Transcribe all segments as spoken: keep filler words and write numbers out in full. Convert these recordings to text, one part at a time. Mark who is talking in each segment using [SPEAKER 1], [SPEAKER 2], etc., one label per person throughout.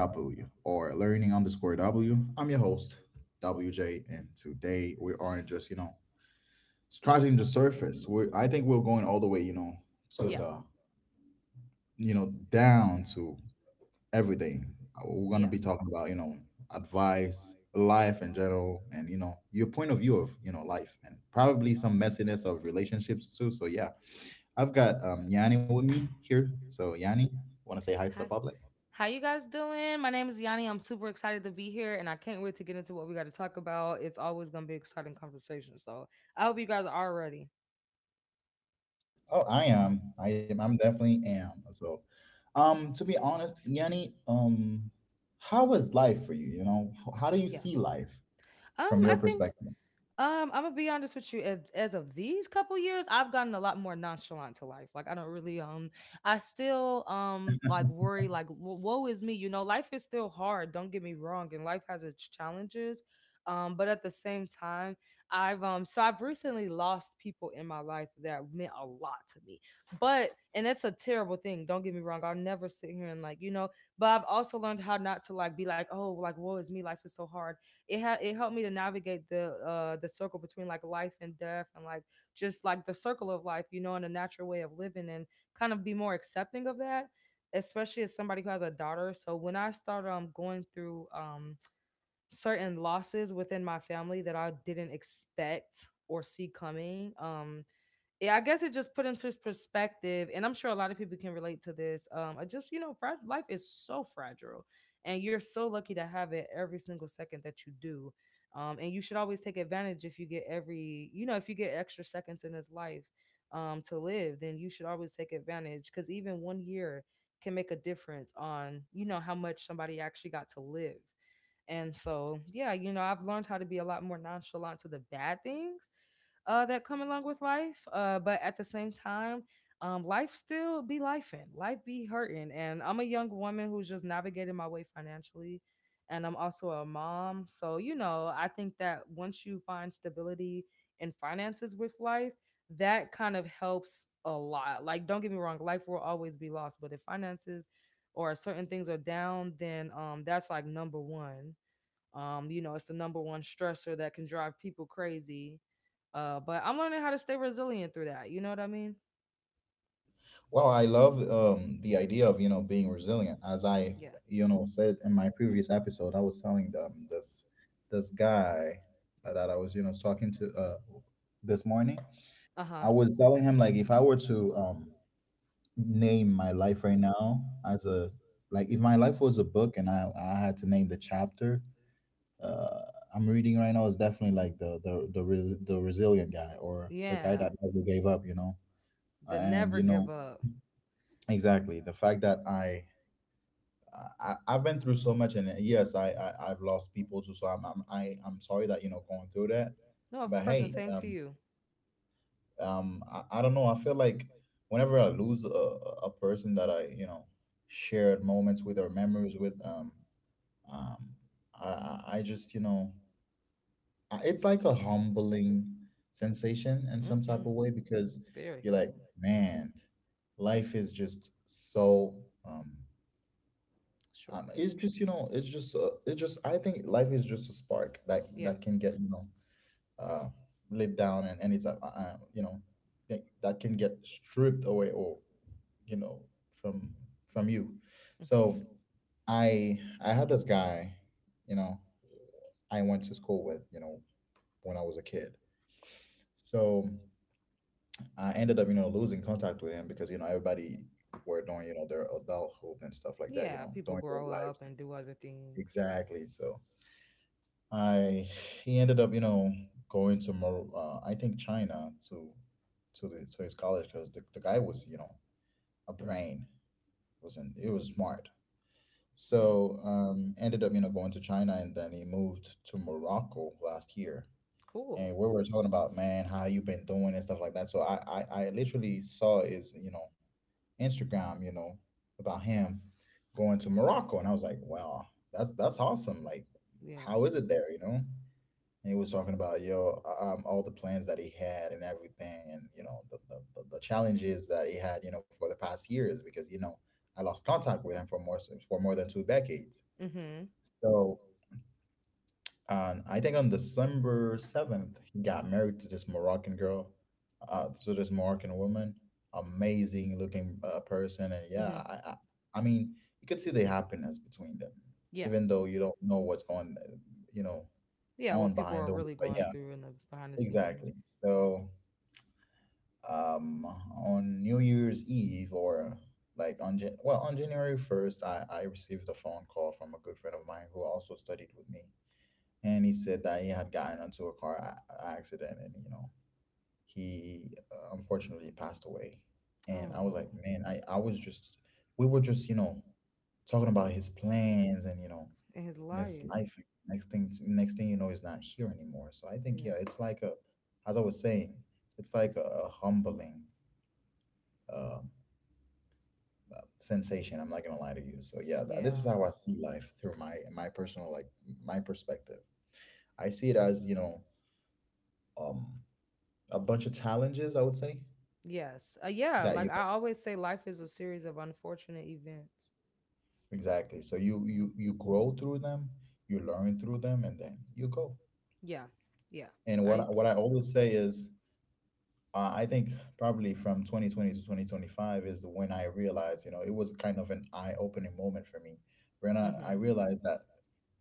[SPEAKER 1] W or Learning underscore W. I'm your host, W J, and today we are not just, you know, scratching the surface. We're, I think we're going all the way, you know, to
[SPEAKER 2] Yeah.
[SPEAKER 1] the, you know, down to everything. Uh, We're going to
[SPEAKER 2] Yeah.
[SPEAKER 1] be talking about, you know, advice, life in general, and, you know, your point of view of, you know, life, and probably some messiness of relationships too. So, yeah, I've got um, Yanni with me here. So Yanni, want to say hi
[SPEAKER 2] Hi.
[SPEAKER 1] to the public?
[SPEAKER 2] How you guys doing? My name is Yanni. I'm super excited to be here and I can't wait to get into what we got to talk about. It's always going to be exciting conversation. So, I hope you guys are ready.
[SPEAKER 1] Oh, I am. I am. I'm definitely am. So, um, to be honest, Yanni, um, how was life for you? You know, H- how do you
[SPEAKER 2] Yeah.
[SPEAKER 1] see life
[SPEAKER 2] Um,
[SPEAKER 1] from your
[SPEAKER 2] I think
[SPEAKER 1] perspective?
[SPEAKER 2] um, I'm gonna be honest with you. As, as of these couple years, I've gotten a lot more nonchalant to life. Like I don't really um, I still um like worry like wo- woe is me. You know, life is still hard. Don't get me wrong, and life has its challenges. Um, but at the same time, I've um so I've recently lost people in my life that meant a lot to me. But and that's a terrible thing. Don't get me wrong. I'll never sit here and like you know. But I've also learned how not to like be like oh like woe is me. Life is so hard it had it helped me to navigate the uh the circle between like life and death, and like just like the circle of life, you know, and a natural way of living, and kind of be more accepting of that, especially as somebody who has a daughter. So when I started um going through um certain losses within my family that I didn't expect or see coming, um yeah, I guess it just put into his perspective, and I'm sure a lot of people can relate to this. Um, I just, you know, fra- life is so fragile, and you're so lucky to have it every single second that you do. Um, and you should always take advantage if you get every, you know, if you get extra seconds in this life, um, to live, then you should always take advantage because even one year can make a difference on, you know, how much somebody actually got to live. And so, yeah, you know, I've learned how to be a lot more nonchalant to the bad things uh, that come along with life. Uh, but at the same time, um, life still be lifing, life be hurting. And I'm a young woman who's just navigating my way financially. And I'm also a mom. So, you know, I think that once you find stability in finances with life, that kind of helps a lot. Like, don't get me wrong, life will always be lost. But if finances or certain things are down, then um, that's like number one um, You know, it's the number one stressor that can drive people crazy. Uh, but I'm learning how to stay resilient through that. You know what I mean?
[SPEAKER 1] Well, I love um, the idea of, you know being resilient. As I
[SPEAKER 2] Yeah.
[SPEAKER 1] you know said in my previous episode, I was telling them this this guy that I was, you know talking to, uh, this morning.
[SPEAKER 2] Uh huh.
[SPEAKER 1] I was telling him, like, if I were to um name my life right now as a— like, if my life was a book and I I had to name the chapter uh I'm reading right now, is definitely like the the the re- the resilient guy, or the guy
[SPEAKER 2] Yeah.
[SPEAKER 1] that never gave up, you know.
[SPEAKER 2] The
[SPEAKER 1] And,
[SPEAKER 2] never
[SPEAKER 1] you
[SPEAKER 2] give
[SPEAKER 1] know
[SPEAKER 2] up.
[SPEAKER 1] exactly, the fact that I I I've been through so much, and, uh, yes, I, I I've lost people too, so I'm I'm I, I'm sorry that, you know going through that.
[SPEAKER 2] No, of
[SPEAKER 1] But,
[SPEAKER 2] course, and
[SPEAKER 1] hey,
[SPEAKER 2] same to
[SPEAKER 1] um
[SPEAKER 2] you.
[SPEAKER 1] um I, I don't know, I feel like whenever I lose a, a person that I, you know shared moments with or memories with, um um I I I just you know I- it's like a humbling sensation in some type
[SPEAKER 2] Mm-hmm.
[SPEAKER 1] of way, because
[SPEAKER 2] Very
[SPEAKER 1] you're like,
[SPEAKER 2] humble.
[SPEAKER 1] man, life is just so, um
[SPEAKER 2] Short.
[SPEAKER 1] um, it's just you know it's just uh, it's just i think life is just a spark that
[SPEAKER 2] Yeah.
[SPEAKER 1] that can get, you know uh, laid down, and, and it's, uh, uh, you know that that can get stripped away, or, you know from from you.
[SPEAKER 2] Hmm.
[SPEAKER 1] So i i had this guy, you know I went to school with, you know when I was a kid. So I ended up, you know losing contact with him, because, you know everybody were doing, you know their adulthood and stuff like that, you
[SPEAKER 2] Yeah.
[SPEAKER 1] know
[SPEAKER 2] People
[SPEAKER 1] doing their
[SPEAKER 2] grow up
[SPEAKER 1] lives.
[SPEAKER 2] and do other things.
[SPEAKER 1] Exactly. So I he ended up, you know, going to Mar- uh, I think, China, to to the to his college, because the, the guy was, you know, a brain— wasn't it was smart.
[SPEAKER 2] Hmm.
[SPEAKER 1] So, um, ended up, you know, going to China, and then he moved to Morocco last year.
[SPEAKER 2] Cool.
[SPEAKER 1] And we were talking about, man, how you been doing and stuff like that. So I, I, I literally saw his, you know, Instagram, you know, about him going to Morocco, and I was like, wow, that's that's awesome. Like,
[SPEAKER 2] Yeah.
[SPEAKER 1] how is it there, you know? And he was talking about, yo um all the plans that he had and everything, and, you know the, the, the, the challenges that he had, you know for the past years, because, you know I lost contact with him for more for more than two decades. So, um, I think on December seventh he got married to this Moroccan girl, uh, to this Moroccan woman, amazing looking uh, person. And yeah, I, I i mean, you could see the happiness between them, even though you don't know what's going, uh, you know on behind
[SPEAKER 2] Couldn't.
[SPEAKER 1] those, but yeah. Exactly. So, um, on New Year's Eve, or like on Jan- well on January first, I I received a phone call from a good friend of mine who also studied with me, and he said that he had gotten into a car a- accident, and, you know he, uh, unfortunately, passed away. And I was like, man, I I was just we were just, you know talking about his
[SPEAKER 2] Just.
[SPEAKER 1] plans, and, you know in his life. Next thing, next thing you know, he's not here anymore. So I think, yeah,
[SPEAKER 2] Yeah.
[SPEAKER 1] it's like a— as I was saying, it's like a, a humbling, um, uh, sensation. I'm not gonna lie to you. So yeah, th- this is how I see life, through my my personal, like,
[SPEAKER 2] Which,
[SPEAKER 1] my perspective. I see it as, you know um, a bunch of challenges, I would say,
[SPEAKER 2] uh, yes. Uh, yeah,
[SPEAKER 1] that,
[SPEAKER 2] like
[SPEAKER 1] you
[SPEAKER 2] I
[SPEAKER 1] know.
[SPEAKER 2] always say, life is a series of unfortunate events.
[SPEAKER 1] Exactly. So you you you grow through them, you learn through them, and then you go.
[SPEAKER 2] Yeah. Yeah.
[SPEAKER 1] And
[SPEAKER 2] I
[SPEAKER 1] what I- what I
[SPEAKER 2] agree.
[SPEAKER 1] always say is, uh, I think probably from twenty twenty to twenty twenty-five is the when I realized, you know, it was kind of an eye-opening moment for me. When I, I
[SPEAKER 2] Mm-hmm.
[SPEAKER 1] realized that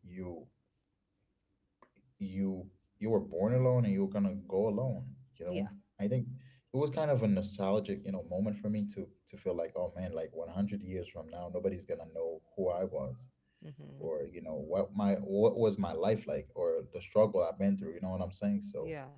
[SPEAKER 1] you you you were born alone, and you were gonna go alone, you know.
[SPEAKER 2] Yeah.
[SPEAKER 1] I think it was kind of a nostalgic, you know, moment for me to to feel like, oh man, like, one hundred years from now, nobody's gonna know who I was,
[SPEAKER 2] Mm-hmm.
[SPEAKER 1] or, you know what my what was my life like, or the struggle I've been through. You know what I'm saying? So,
[SPEAKER 2] Yeah.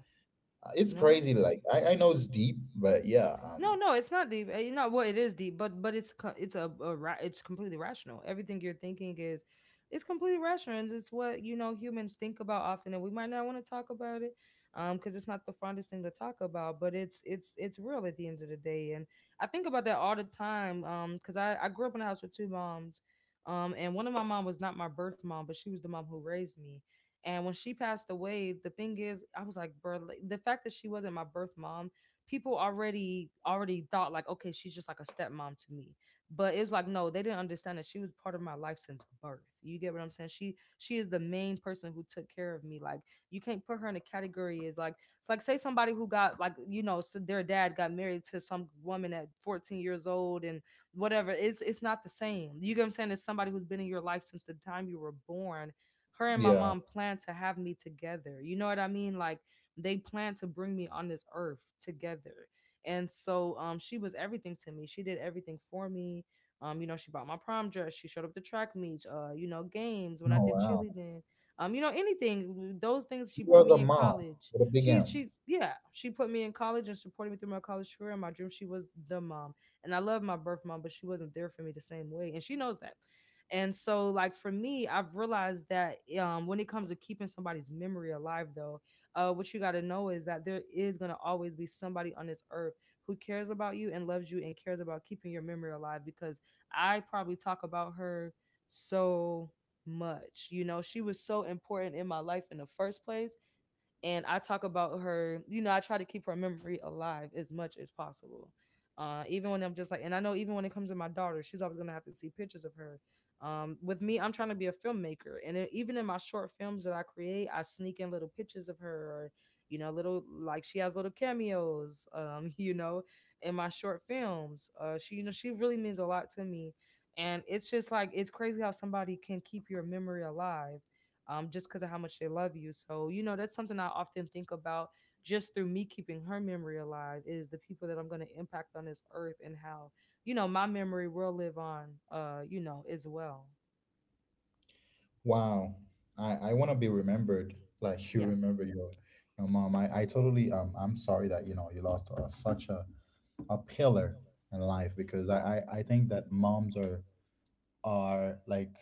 [SPEAKER 1] uh, it's
[SPEAKER 2] No.
[SPEAKER 1] crazy. Like, I I know it's deep, but yeah,
[SPEAKER 2] No,
[SPEAKER 1] um,
[SPEAKER 2] no, it's not deep. You know what it is deep, but but it's co- it's a, a ra- it's completely rational. Everything you're thinking is it's completely rational, and it's what you know humans think about often, and we might not want to talk about it, um, because it's not the fondest thing to talk about, but it's it's it's real at the end of the day. And I think about that all the time, um, because I I grew up in a house with two moms, um, and one of my mom was not my birth mom, but she was the mom who raised me. And when she passed away, the thing is, I was like, bro, like, the fact that she wasn't my birth mom, people already already thought like, okay, she's just like a stepmom to me. But it was like, no, they didn't understand that she was part of my life since birth. You get what I'm saying? She she is the main person who took care of me. Like you can't put her in a category as like it's like say somebody who got like, you know, so their dad got married to some woman at fourteen years old, and whatever. It's it's not the same. You get what I'm saying? It's somebody who's been in your life since the time you were born. Her and my
[SPEAKER 1] yeah.
[SPEAKER 2] mom planned to have me together. You know what I mean? Like they planned to bring me on this earth together. And so um she was everything to me. She did everything for me. Um, you know, she bought my prom dress, she showed up to track meets, uh, you know, games when I
[SPEAKER 1] Oh
[SPEAKER 2] did
[SPEAKER 1] wow.
[SPEAKER 2] cheerleading. Um, you know, anything, those things,
[SPEAKER 1] She
[SPEAKER 2] she put
[SPEAKER 1] was a
[SPEAKER 2] me in
[SPEAKER 1] mom
[SPEAKER 2] college.
[SPEAKER 1] with a big
[SPEAKER 2] She
[SPEAKER 1] M.
[SPEAKER 2] she yeah, she put me in college and supported me through my college career and my dream. She was the mom. And I love my birth mom, but she wasn't there for me the same way. And she knows that. And so, like for me, I've realized that um, when it comes to keeping somebody's memory alive, though, uh, what you got to know is that there is going to always be somebody on this earth who cares about you and loves you and cares about keeping your memory alive, because I probably talk about her so much. You know, she was so important in my life in the first place, and I talk about her. You know, I try to keep her memory alive as much as possible. Uh, even when I'm just like, and I know even when it comes to my daughter, she's always gonna have to see pictures of her. Um, with me, I'm trying to be a filmmaker, and it, even in my short films that I create, I sneak in little pictures of her, or you know, little like she has little cameos. Um, you know, in my short films, uh, she you know she really means a lot to me, and it's just like it's crazy how somebody can keep your memory alive, um, just because of how much they love you. So, you know, that's something I often think about. Just through me keeping her memory alive is the people that I'm going to impact on this earth, and how, you know, my memory will live on, uh, you know, as well.
[SPEAKER 1] Wow. I, I wanna be remembered like you
[SPEAKER 2] Yeah.
[SPEAKER 1] remember your your mom. I, I totally um I'm sorry that, you know you lost, uh, such a, a pillar in
[SPEAKER 2] Yeah.
[SPEAKER 1] life, because I, I, I think that
[SPEAKER 2] Thank
[SPEAKER 1] moms
[SPEAKER 2] you.
[SPEAKER 1] are are like,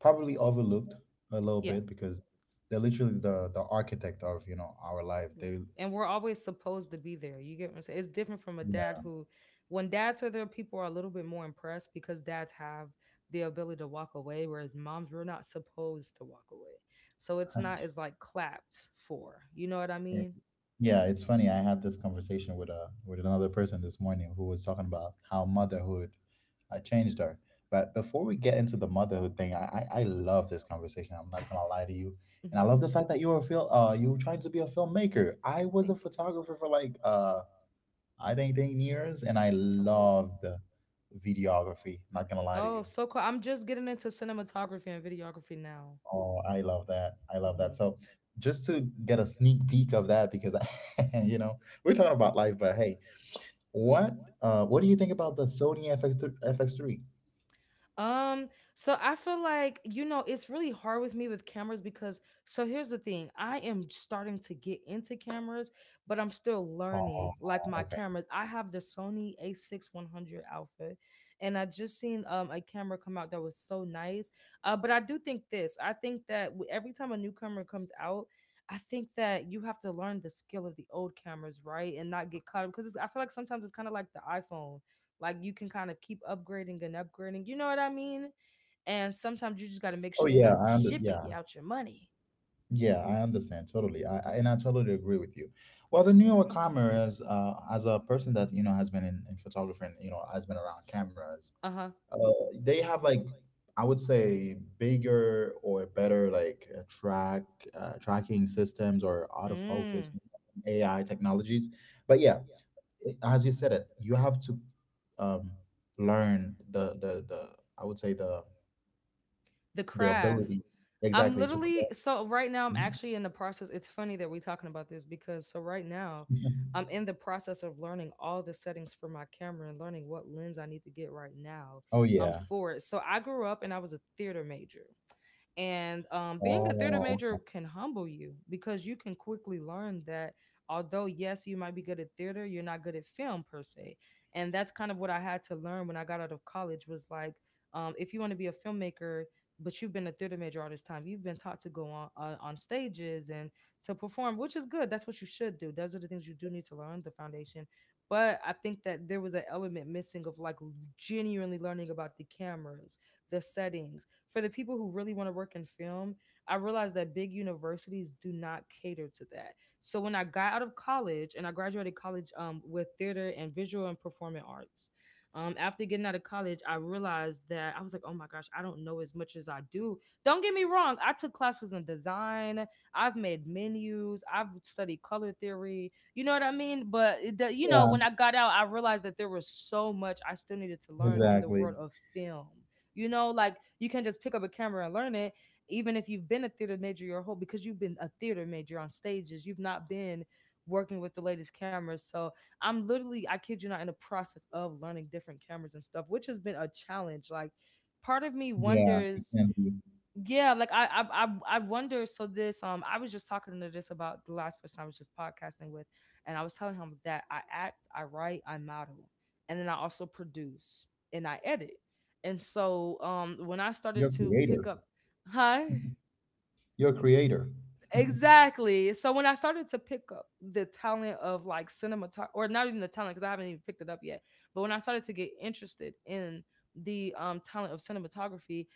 [SPEAKER 1] probably overlooked a little
[SPEAKER 2] Yeah.
[SPEAKER 1] bit, because they're literally the the architect of, you know our life.
[SPEAKER 2] Yeah.
[SPEAKER 1] They,
[SPEAKER 2] And we're always supposed to be there. You get what I'm saying? It's different from a dad
[SPEAKER 1] yeah.
[SPEAKER 2] who, when dads are there, people are a little bit more impressed because dads have the ability to walk away, whereas moms, we're not supposed to walk away. So it's not as like clapped for. You know what I mean?
[SPEAKER 1] Yeah, it's funny. I had this conversation with a with another person this morning, who was talking about how motherhood, uh, changed her. But before we get into the motherhood thing, I, I I love this conversation. I'm not gonna lie to you, and I love
[SPEAKER 2] Mm-hmm.
[SPEAKER 1] the fact that you were a fil- uh you were trying to be a filmmaker. I was a
[SPEAKER 2] Thank you.
[SPEAKER 1] photographer for like, uh I think, ten years, and I
[SPEAKER 2] Oh, cool.
[SPEAKER 1] loved videography. Not gonna lie to
[SPEAKER 2] Oh,
[SPEAKER 1] you.
[SPEAKER 2] so cool. I'm just getting into cinematography and videography now.
[SPEAKER 1] Oh, I love that. I love that.
[SPEAKER 2] Hmm.
[SPEAKER 1] So, just to get a sneak peek of that, because you know we're talking about life, but hey. What uh what do you think about the Sony F X F X three?
[SPEAKER 2] Um, so I feel like, you know, it's really hard with me with cameras, because so here's the thing. I am starting to get into cameras, but I'm still
[SPEAKER 1] Oh,
[SPEAKER 2] learning like my
[SPEAKER 1] okay.
[SPEAKER 2] cameras. I have the Sony a six one hundred Alpha, and I just seen um a camera come out that was so nice. Uh, but I do think this. I think that w- every time a new camera comes out, I think that you have to learn the skill of the old cameras, right? And not get caught up, because I feel like sometimes it's kind of like the iPhone. Like you can kind of keep upgrading and upgrading. You know what I mean? And sometimes you just got to make
[SPEAKER 1] Oh
[SPEAKER 2] sure they're
[SPEAKER 1] yeah,
[SPEAKER 2] not
[SPEAKER 1] I under
[SPEAKER 2] jipping
[SPEAKER 1] yeah.
[SPEAKER 2] you out your money.
[SPEAKER 1] Yeah, I understand totally. I, I and I totally agree with you. Well, the newer cameras, uh, as a person that, you know, has been in, in photography, and, you know, has been around cameras,
[SPEAKER 2] Uh huh.
[SPEAKER 1] uh, they have, like, I would say, bigger or better, like, uh, track uh, tracking systems, or autofocus
[SPEAKER 2] Mm.
[SPEAKER 1] A I technologies. But yeah, it- as you said it, you have to, um, learn the, the the I would say the
[SPEAKER 2] The
[SPEAKER 1] the
[SPEAKER 2] craft.
[SPEAKER 1] ability.
[SPEAKER 2] I'm
[SPEAKER 1] Exactly. To
[SPEAKER 2] literally
[SPEAKER 1] correct.
[SPEAKER 2] so right now I'm actually in the process. It's funny that we're talking about this, because so right now I'm in the process of learning all the settings for my camera and learning what lens I need to get right now
[SPEAKER 1] Oh
[SPEAKER 2] um
[SPEAKER 1] yeah.
[SPEAKER 2] for it. So I grew up and I was a theater major. And um, being a theater
[SPEAKER 1] Oh
[SPEAKER 2] major
[SPEAKER 1] okay.
[SPEAKER 2] can humble you, because you can quickly learn that although, yes, you might be good at theater, you're not good at film per se. And that's kind of what I had to learn when I got out of college. Was like, um, if you want to be a filmmaker, but you've been a theater major all this time. You've been taught to go on uh, on stages and to perform, which is good. That's what you should do. Those are the things you do need to learn the foundation. But I think that there was an element missing of like genuinely learning about the cameras, the settings. For the people who really want to work in film, I realized that big universities do not cater to that. So when I got out of college and I graduated college um, with theater and visual and performing arts, um, after getting out of college, I realized that I was like, oh my gosh, I don't know as much as I do. Don't get me wrong, I took classes in design, I've made menus, I've studied color theory, you know what I mean? But, the, you know,
[SPEAKER 1] Yeah.
[SPEAKER 2] When I got out, I realized that there was so much I still needed to learn in the
[SPEAKER 1] Exactly.
[SPEAKER 2] world of film. You know, like you can not just pick up a camera and learn it, even if you've been a theater major your whole because you've been a theater major on stages, you've not been working with the latest cameras. So I'm literally, I kid you not, in the process of learning different cameras and stuff, which has been a challenge. Like, part of me
[SPEAKER 1] Yeah. It
[SPEAKER 2] wonders,
[SPEAKER 1] can be.
[SPEAKER 2] yeah, like I, I, I, I wonder. So this, um, I was just talking to this about the last person I was just podcasting with, and I was telling him that I act, I write, I model, and then I also produce and I edit. And so, um, when I started
[SPEAKER 1] You're a
[SPEAKER 2] to pick
[SPEAKER 1] creator.
[SPEAKER 2] up, hi.
[SPEAKER 1] You're a creator.
[SPEAKER 2] Exactly. So when I started to pick up the talent of like cinematography, or not even the talent because I haven't even picked it up yet, but when I started to get interested in the um, talent of cinematography,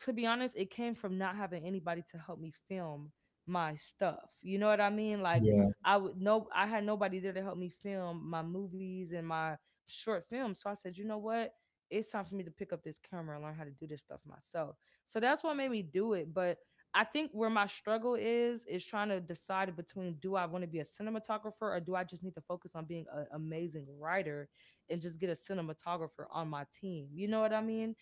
[SPEAKER 2] to be honest, it came from not having anybody to help me film my stuff. You know what I mean? Like
[SPEAKER 1] Yeah.
[SPEAKER 2] I would no I had nobody there to help me film my movies and my short films. So I said, you know what? It's time for me to pick up this camera and learn how to do this stuff myself. So that's what made me do it. But I think where my struggle is is trying to decide between do I want to be a cinematographer or do I just need to focus on being an amazing writer and just get a cinematographer on my team. You know what I mean?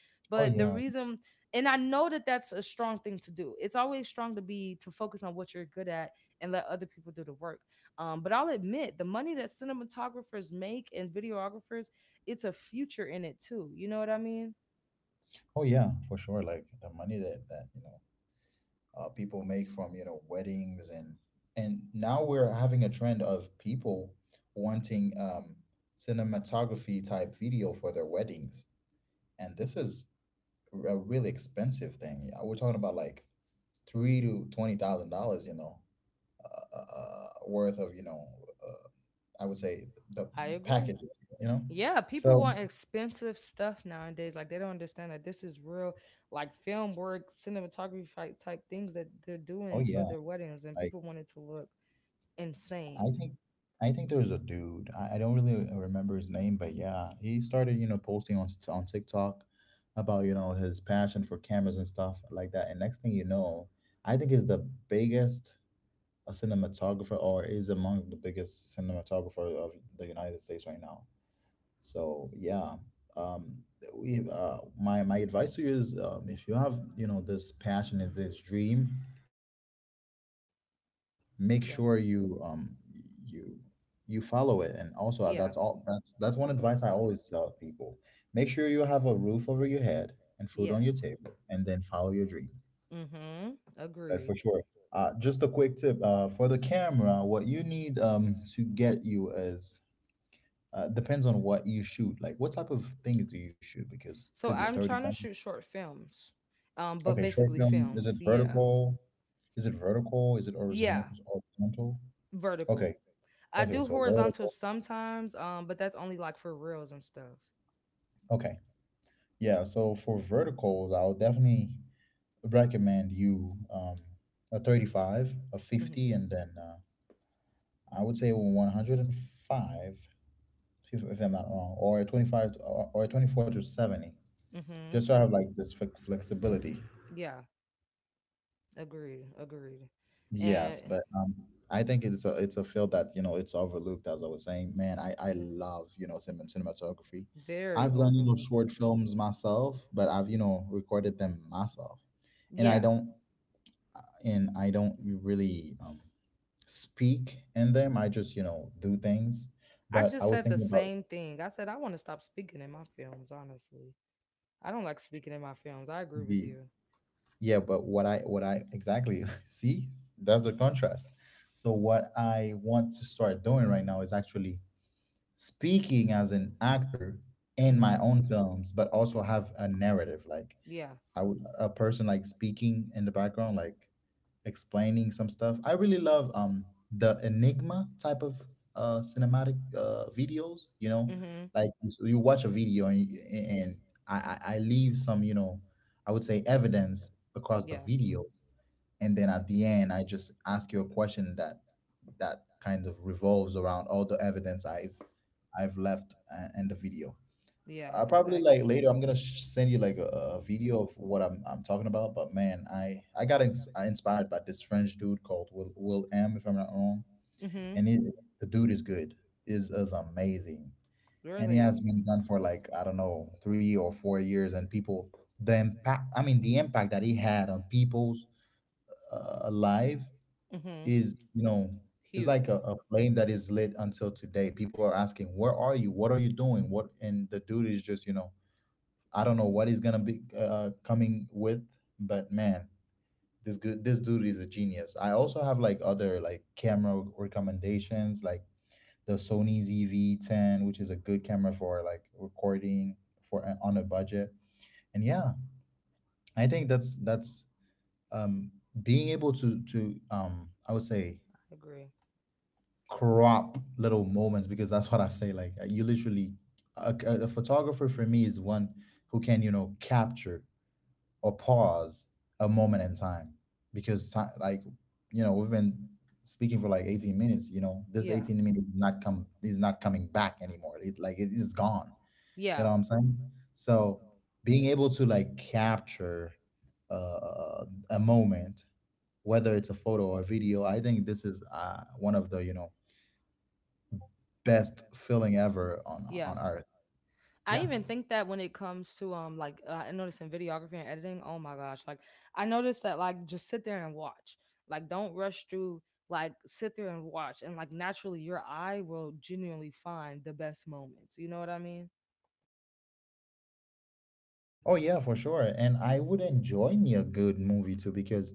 [SPEAKER 1] Oh
[SPEAKER 2] But the
[SPEAKER 1] yeah.
[SPEAKER 2] reason and I know that that's a strong thing to do. It's always strong to be to focus on what you're good at and let other people do the work. Um, but I'll admit the money that cinematographers make and videographers, it's a future in it too. You know what I mean?
[SPEAKER 1] Oh yeah. For sure. Like, the money that, that you know. uh, people make from, you know weddings. and and now we're having a trend of people wanting, um, cinematography type video for their weddings, and this is a really expensive thing. Yeah, we're talking about, like, three to twenty thousand dollars, you know uh, uh, uh, worth of, you know uh, I would say, the
[SPEAKER 2] I agree.
[SPEAKER 1] packages, you know
[SPEAKER 2] Yeah, people
[SPEAKER 1] so.
[SPEAKER 2] want expensive stuff nowadays. Like they don't understand that this is real, like film work, cinematography fi- type things that they're
[SPEAKER 1] Oh
[SPEAKER 2] doing for
[SPEAKER 1] yeah.
[SPEAKER 2] their weddings, and people want it to look
[SPEAKER 1] I
[SPEAKER 2] insane.
[SPEAKER 1] think I think there was a dude. I, I don't really remember his name, but yeah, he started, you know, posting on s- on TikTok about, you know, his passion for cameras and stuff like that. And next thing you know, I think he's the biggest, a cinematographer, or is among the biggest cinematographer of the United States right now. So, yeah. Um we uh my my advice to you is, um if you have, you know, this passion and this dream, make
[SPEAKER 2] Yeah,
[SPEAKER 1] sure you, um you you follow it. And also, uh,
[SPEAKER 2] yeah,
[SPEAKER 1] that's all that's that's one advice I always tell people. Make sure you have a roof over your head, and food on your
[SPEAKER 2] yes,
[SPEAKER 1] table, and then follow your dreams.
[SPEAKER 2] mm-hmm,
[SPEAKER 1] But
[SPEAKER 2] agreed.
[SPEAKER 1] for sure, uh, just a quick tip, uh, for the camera, what you need, um, to get you, is, uh, depends on what you shoot. Like, what type of things do you shoot? Because it could
[SPEAKER 2] So
[SPEAKER 1] be a
[SPEAKER 2] I'm trying
[SPEAKER 1] thirty-five.
[SPEAKER 2] to shoot short films, um but
[SPEAKER 1] Okay, short
[SPEAKER 2] basically
[SPEAKER 1] films. Is it
[SPEAKER 2] films, yeah,
[SPEAKER 1] vertical? Is it vertical is it horizontal?
[SPEAKER 2] yeah,
[SPEAKER 1] Horizontal.
[SPEAKER 2] vertical.
[SPEAKER 1] Okay.
[SPEAKER 2] I
[SPEAKER 1] Okay,
[SPEAKER 2] do
[SPEAKER 1] so
[SPEAKER 2] horizontal
[SPEAKER 1] vertical.
[SPEAKER 2] sometimes, um but that's only like for reels and stuff.
[SPEAKER 1] Okay. Yeah, so for verticals, I'll definitely recommend you, um, a thirty-five, a fifty, and
[SPEAKER 2] Mm-hmm,
[SPEAKER 1] then, uh, I would say, a one hundred five, if, if I'm not wrong, or a twenty-five to, or or a twenty-four to seventy,
[SPEAKER 2] mm-hmm,
[SPEAKER 1] just so I have, like, this flex- flexibility.
[SPEAKER 2] yeah, agreed, agreed, and
[SPEAKER 1] Yes, but, um, I think it's a it's a field that, you know it's overlooked. As I was saying, man, I I
[SPEAKER 2] yeah.
[SPEAKER 1] love, you know cinema, cinematography.
[SPEAKER 2] Very
[SPEAKER 1] I've done you know
[SPEAKER 2] overlooked.
[SPEAKER 1] short films myself, but I've you know recorded them myself and I
[SPEAKER 2] Yeah.
[SPEAKER 1] don't and I don't really um, speak in them. I just, you know, do things.
[SPEAKER 2] I
[SPEAKER 1] But I
[SPEAKER 2] just
[SPEAKER 1] was
[SPEAKER 2] said the
[SPEAKER 1] thinking about
[SPEAKER 2] same thing. I said I want to stop speaking in my films, honestly. I don't like speaking in my films. I agree with
[SPEAKER 1] the
[SPEAKER 2] you.
[SPEAKER 1] yeah, but what I what I exactly see that's the contrast. So what I want to start doing right now is actually speaking as an actor in my
[SPEAKER 2] Hmm.
[SPEAKER 1] own films, but also have a narrative, like
[SPEAKER 2] Yeah.
[SPEAKER 1] I would a person like speaking in the background like explaining some stuff. I really love um the Enigma type of uh cinematic uh videos, you know,
[SPEAKER 2] Hmm.
[SPEAKER 1] like you so you watch a video and, you- and I, I I leave some, you know, I would say evidence across the
[SPEAKER 2] Yeah.
[SPEAKER 1] video, and then at the end I just ask you a question that that kind of revolves around all the evidence I've I've left uh, in the video.
[SPEAKER 2] Yeah.
[SPEAKER 1] I
[SPEAKER 2] I
[SPEAKER 1] probably
[SPEAKER 2] agree.
[SPEAKER 1] like later. I'm gonna sh- send you like a, a video of what I'm I'm talking about. But man, I I got ins- I inspired by this French dude called Will Will M, if I'm not wrong,
[SPEAKER 2] Hmm.
[SPEAKER 1] and he, the dude is good. Is is amazing, and he has
[SPEAKER 2] Really?
[SPEAKER 1] been gone for like, I don't know, three or four years, and people the impact. I mean, the impact that he had on people's uh, life
[SPEAKER 2] Mm-hmm.
[SPEAKER 1] is you know is like a, a flame that is lit until today. People are asking, where are you? What are you doing? What? And the dude is just you know I don't know what he's gonna be uh, coming with, but man, this good this dude is a genius. I also have like other like camera recommendations, like the Sony Z V ten, which is a good camera for like recording for uh, on a budget. And yeah, I think that's that's um, being able to to um, I would say
[SPEAKER 2] I agree.
[SPEAKER 1] crop little moments, because that's what I say. Like you literally, a, a a photographer for me is one who can you know capture or pause a moment in time, because time, like you know we've been speaking for like eighteen minutes, you know this eighteen minutes is not come is not coming back anymore, it like it is gone, you know
[SPEAKER 2] Yeah.
[SPEAKER 1] what I'm saying. So being able to like capture uh, a moment, whether it's a photo or a video, I think this is uh, one of the you know best feeling ever on on earth.
[SPEAKER 2] I
[SPEAKER 1] Yeah.
[SPEAKER 2] even think that when it comes to um like uh, I noticed in videography and editing, oh my gosh, like I noticed that like just sit there and watch. Like don't rush through, like sit there and watch and like naturally your eye will genuinely find the best moments. You know what I mean?
[SPEAKER 1] Oh yeah, for sure. And I would enjoy me a good movie too, because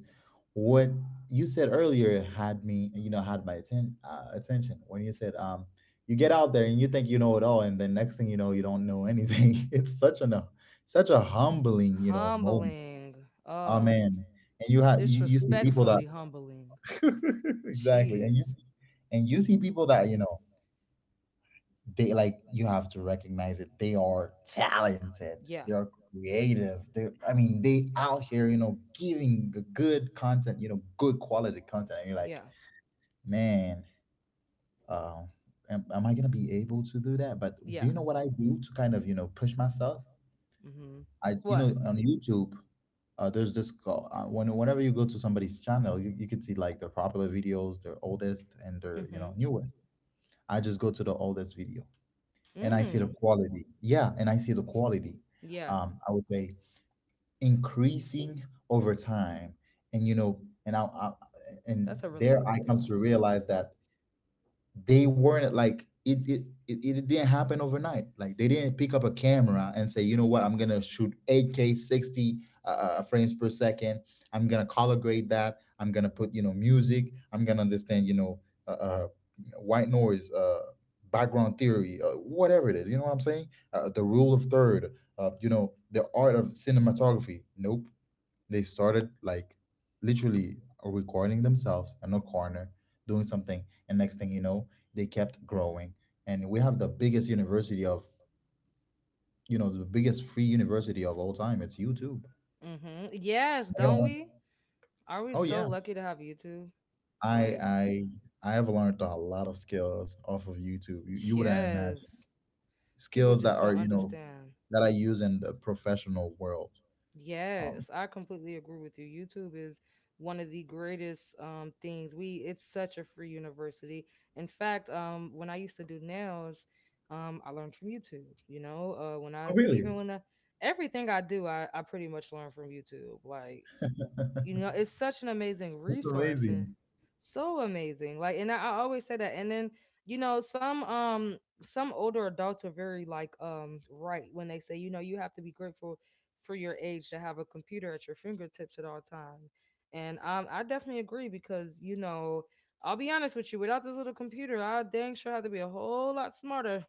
[SPEAKER 1] what you said earlier had me, you know, had my atten- uh, attention when you said um you get out there and you think you know it all, and then next thing you know you don't know anything. It's such an uh, such a humbling, you know, moment.
[SPEAKER 2] Humbling.
[SPEAKER 1] Oh
[SPEAKER 2] Oh,
[SPEAKER 1] man. And you have you, you see people that
[SPEAKER 2] disrespectfully humbling.
[SPEAKER 1] exactly. And you
[SPEAKER 2] Jeez.
[SPEAKER 1] see and you see people that, you know, they like you have to recognize it, they are talented,
[SPEAKER 2] Yeah.
[SPEAKER 1] they are creative, they I mean they out here you know giving g- good content, you know, good quality content, and you're like, man, um am, am I gonna be able to do that? But do you know what I do to kind of you know push myself?
[SPEAKER 2] Mm-hmm.
[SPEAKER 1] I you know on YouTube uh, there's this call uh, when whenever you go to somebody's channel, you, you can see like their popular videos, their oldest and their you know
[SPEAKER 2] Mm-hmm.
[SPEAKER 1] newest. I just go to the oldest video and I see the
[SPEAKER 2] Mm.
[SPEAKER 1] quality. Yeah, and I see the quality.
[SPEAKER 2] Yeah.
[SPEAKER 1] Um, I would say increasing over time, and you know, and I, I and
[SPEAKER 2] That's a really good
[SPEAKER 1] there I come to realize that they weren't like it it, it it didn't happen overnight, like they didn't pick up a camera and say, you know what, I'm gonna shoot eight k sixty uh, uh, frames per second, I'm gonna color grade that, I'm gonna put you know music, I'm gonna understand you know uh, uh, white noise uh, background theory, uh, whatever it is, you know what I'm saying, uh, the rule of third, uh, you know, the art of cinematography. Nope, they started like literally recording themselves in a corner doing something, and next thing you know they kept growing, and we have the biggest university of you know the biggest free university of all time, it's YouTube.
[SPEAKER 2] mm-hmm. Yes,
[SPEAKER 1] Not gonna
[SPEAKER 2] don't
[SPEAKER 1] lie.
[SPEAKER 2] you? Are we
[SPEAKER 1] Oh
[SPEAKER 2] so
[SPEAKER 1] yeah,
[SPEAKER 2] lucky to have YouTube?
[SPEAKER 1] i
[SPEAKER 2] Like,
[SPEAKER 1] i I have learned a lot of skills off of YouTube,
[SPEAKER 2] man,
[SPEAKER 1] you, you wouldn't imagine.
[SPEAKER 2] people,
[SPEAKER 1] Skills that are you know that I use in the professional world. Um,
[SPEAKER 2] yes, I completely agree with you. YouTube is one of the greatest um things. We It's such a free university. In fact, um when I used to do nails, um I learned from YouTube, you know? Uh when
[SPEAKER 1] oh
[SPEAKER 2] I
[SPEAKER 1] really?
[SPEAKER 2] even when I, everything I do, I I pretty much learn from YouTube. Like you know it's such an amazing
[SPEAKER 1] That's
[SPEAKER 2] resource and
[SPEAKER 1] amazing.
[SPEAKER 2] so amazing like and i, I always say that and then you know some um some older adults are very like um right when they say you know you have to be grateful for your age to have a computer at your fingertips at all time and um I definitely agree because you know I'll be honest with you, without this little computer I dang sure have to be a whole lot smarter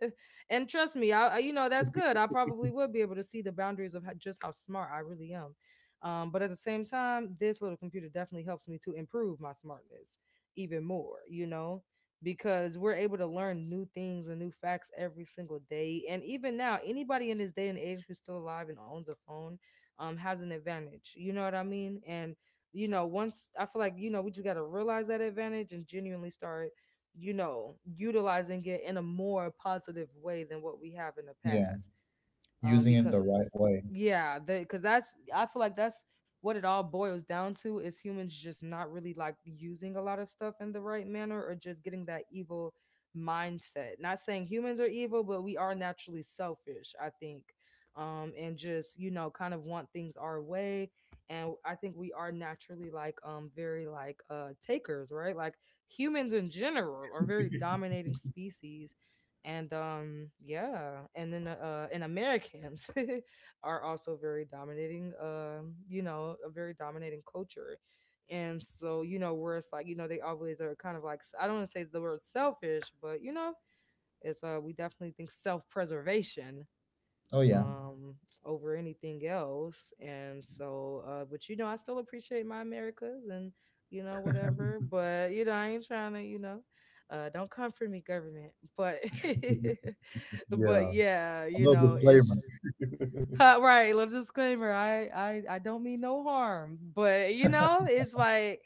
[SPEAKER 2] and trust me I, I you know that's good I probably would be able to see the boundaries of how, just how smart I really am. Um, but at the same time, this little computer definitely helps me to improve my smartness even more, you know, because we're able to learn new things and new facts every single day. And even now, anybody in this day and age who's still alive and owns a phone um, has an advantage. You know what I mean? And, you know, once I feel like, you know, we just got to realize that advantage and genuinely start, you know, utilizing it in a more positive way than what we have in the
[SPEAKER 1] Yeah,
[SPEAKER 2] past. Um,
[SPEAKER 1] using it the
[SPEAKER 2] because
[SPEAKER 1] right way.
[SPEAKER 2] yeah, because that's I feel like that's what it all boils down to is humans just not really like using a lot of stuff in the right manner or just getting that evil mindset. Not saying humans are evil, but we are naturally selfish, I think. Um, and just, you know, kind of want things our way. And I think we are naturally like um very like uh takers, right? Like humans in general are very dominating species. And um yeah, and then uh and Americans are also very dominating, um you know, a very dominating culture, and so you know where it's like you know they always are kind of like I I don't want to say the word selfish but you know it's uh we definitely think self-preservation
[SPEAKER 1] Oh yeah.
[SPEAKER 2] um over anything else. And so uh but you know I still appreciate my Americas and you know whatever but you know I ain't trying to you know uh don't come for me government, but but
[SPEAKER 1] Yeah.
[SPEAKER 2] yeah you
[SPEAKER 1] No
[SPEAKER 2] know it's
[SPEAKER 1] disclaimer.
[SPEAKER 2] just Uh, right. Little disclaimer. I, I I don't mean no harm, but you know, it's like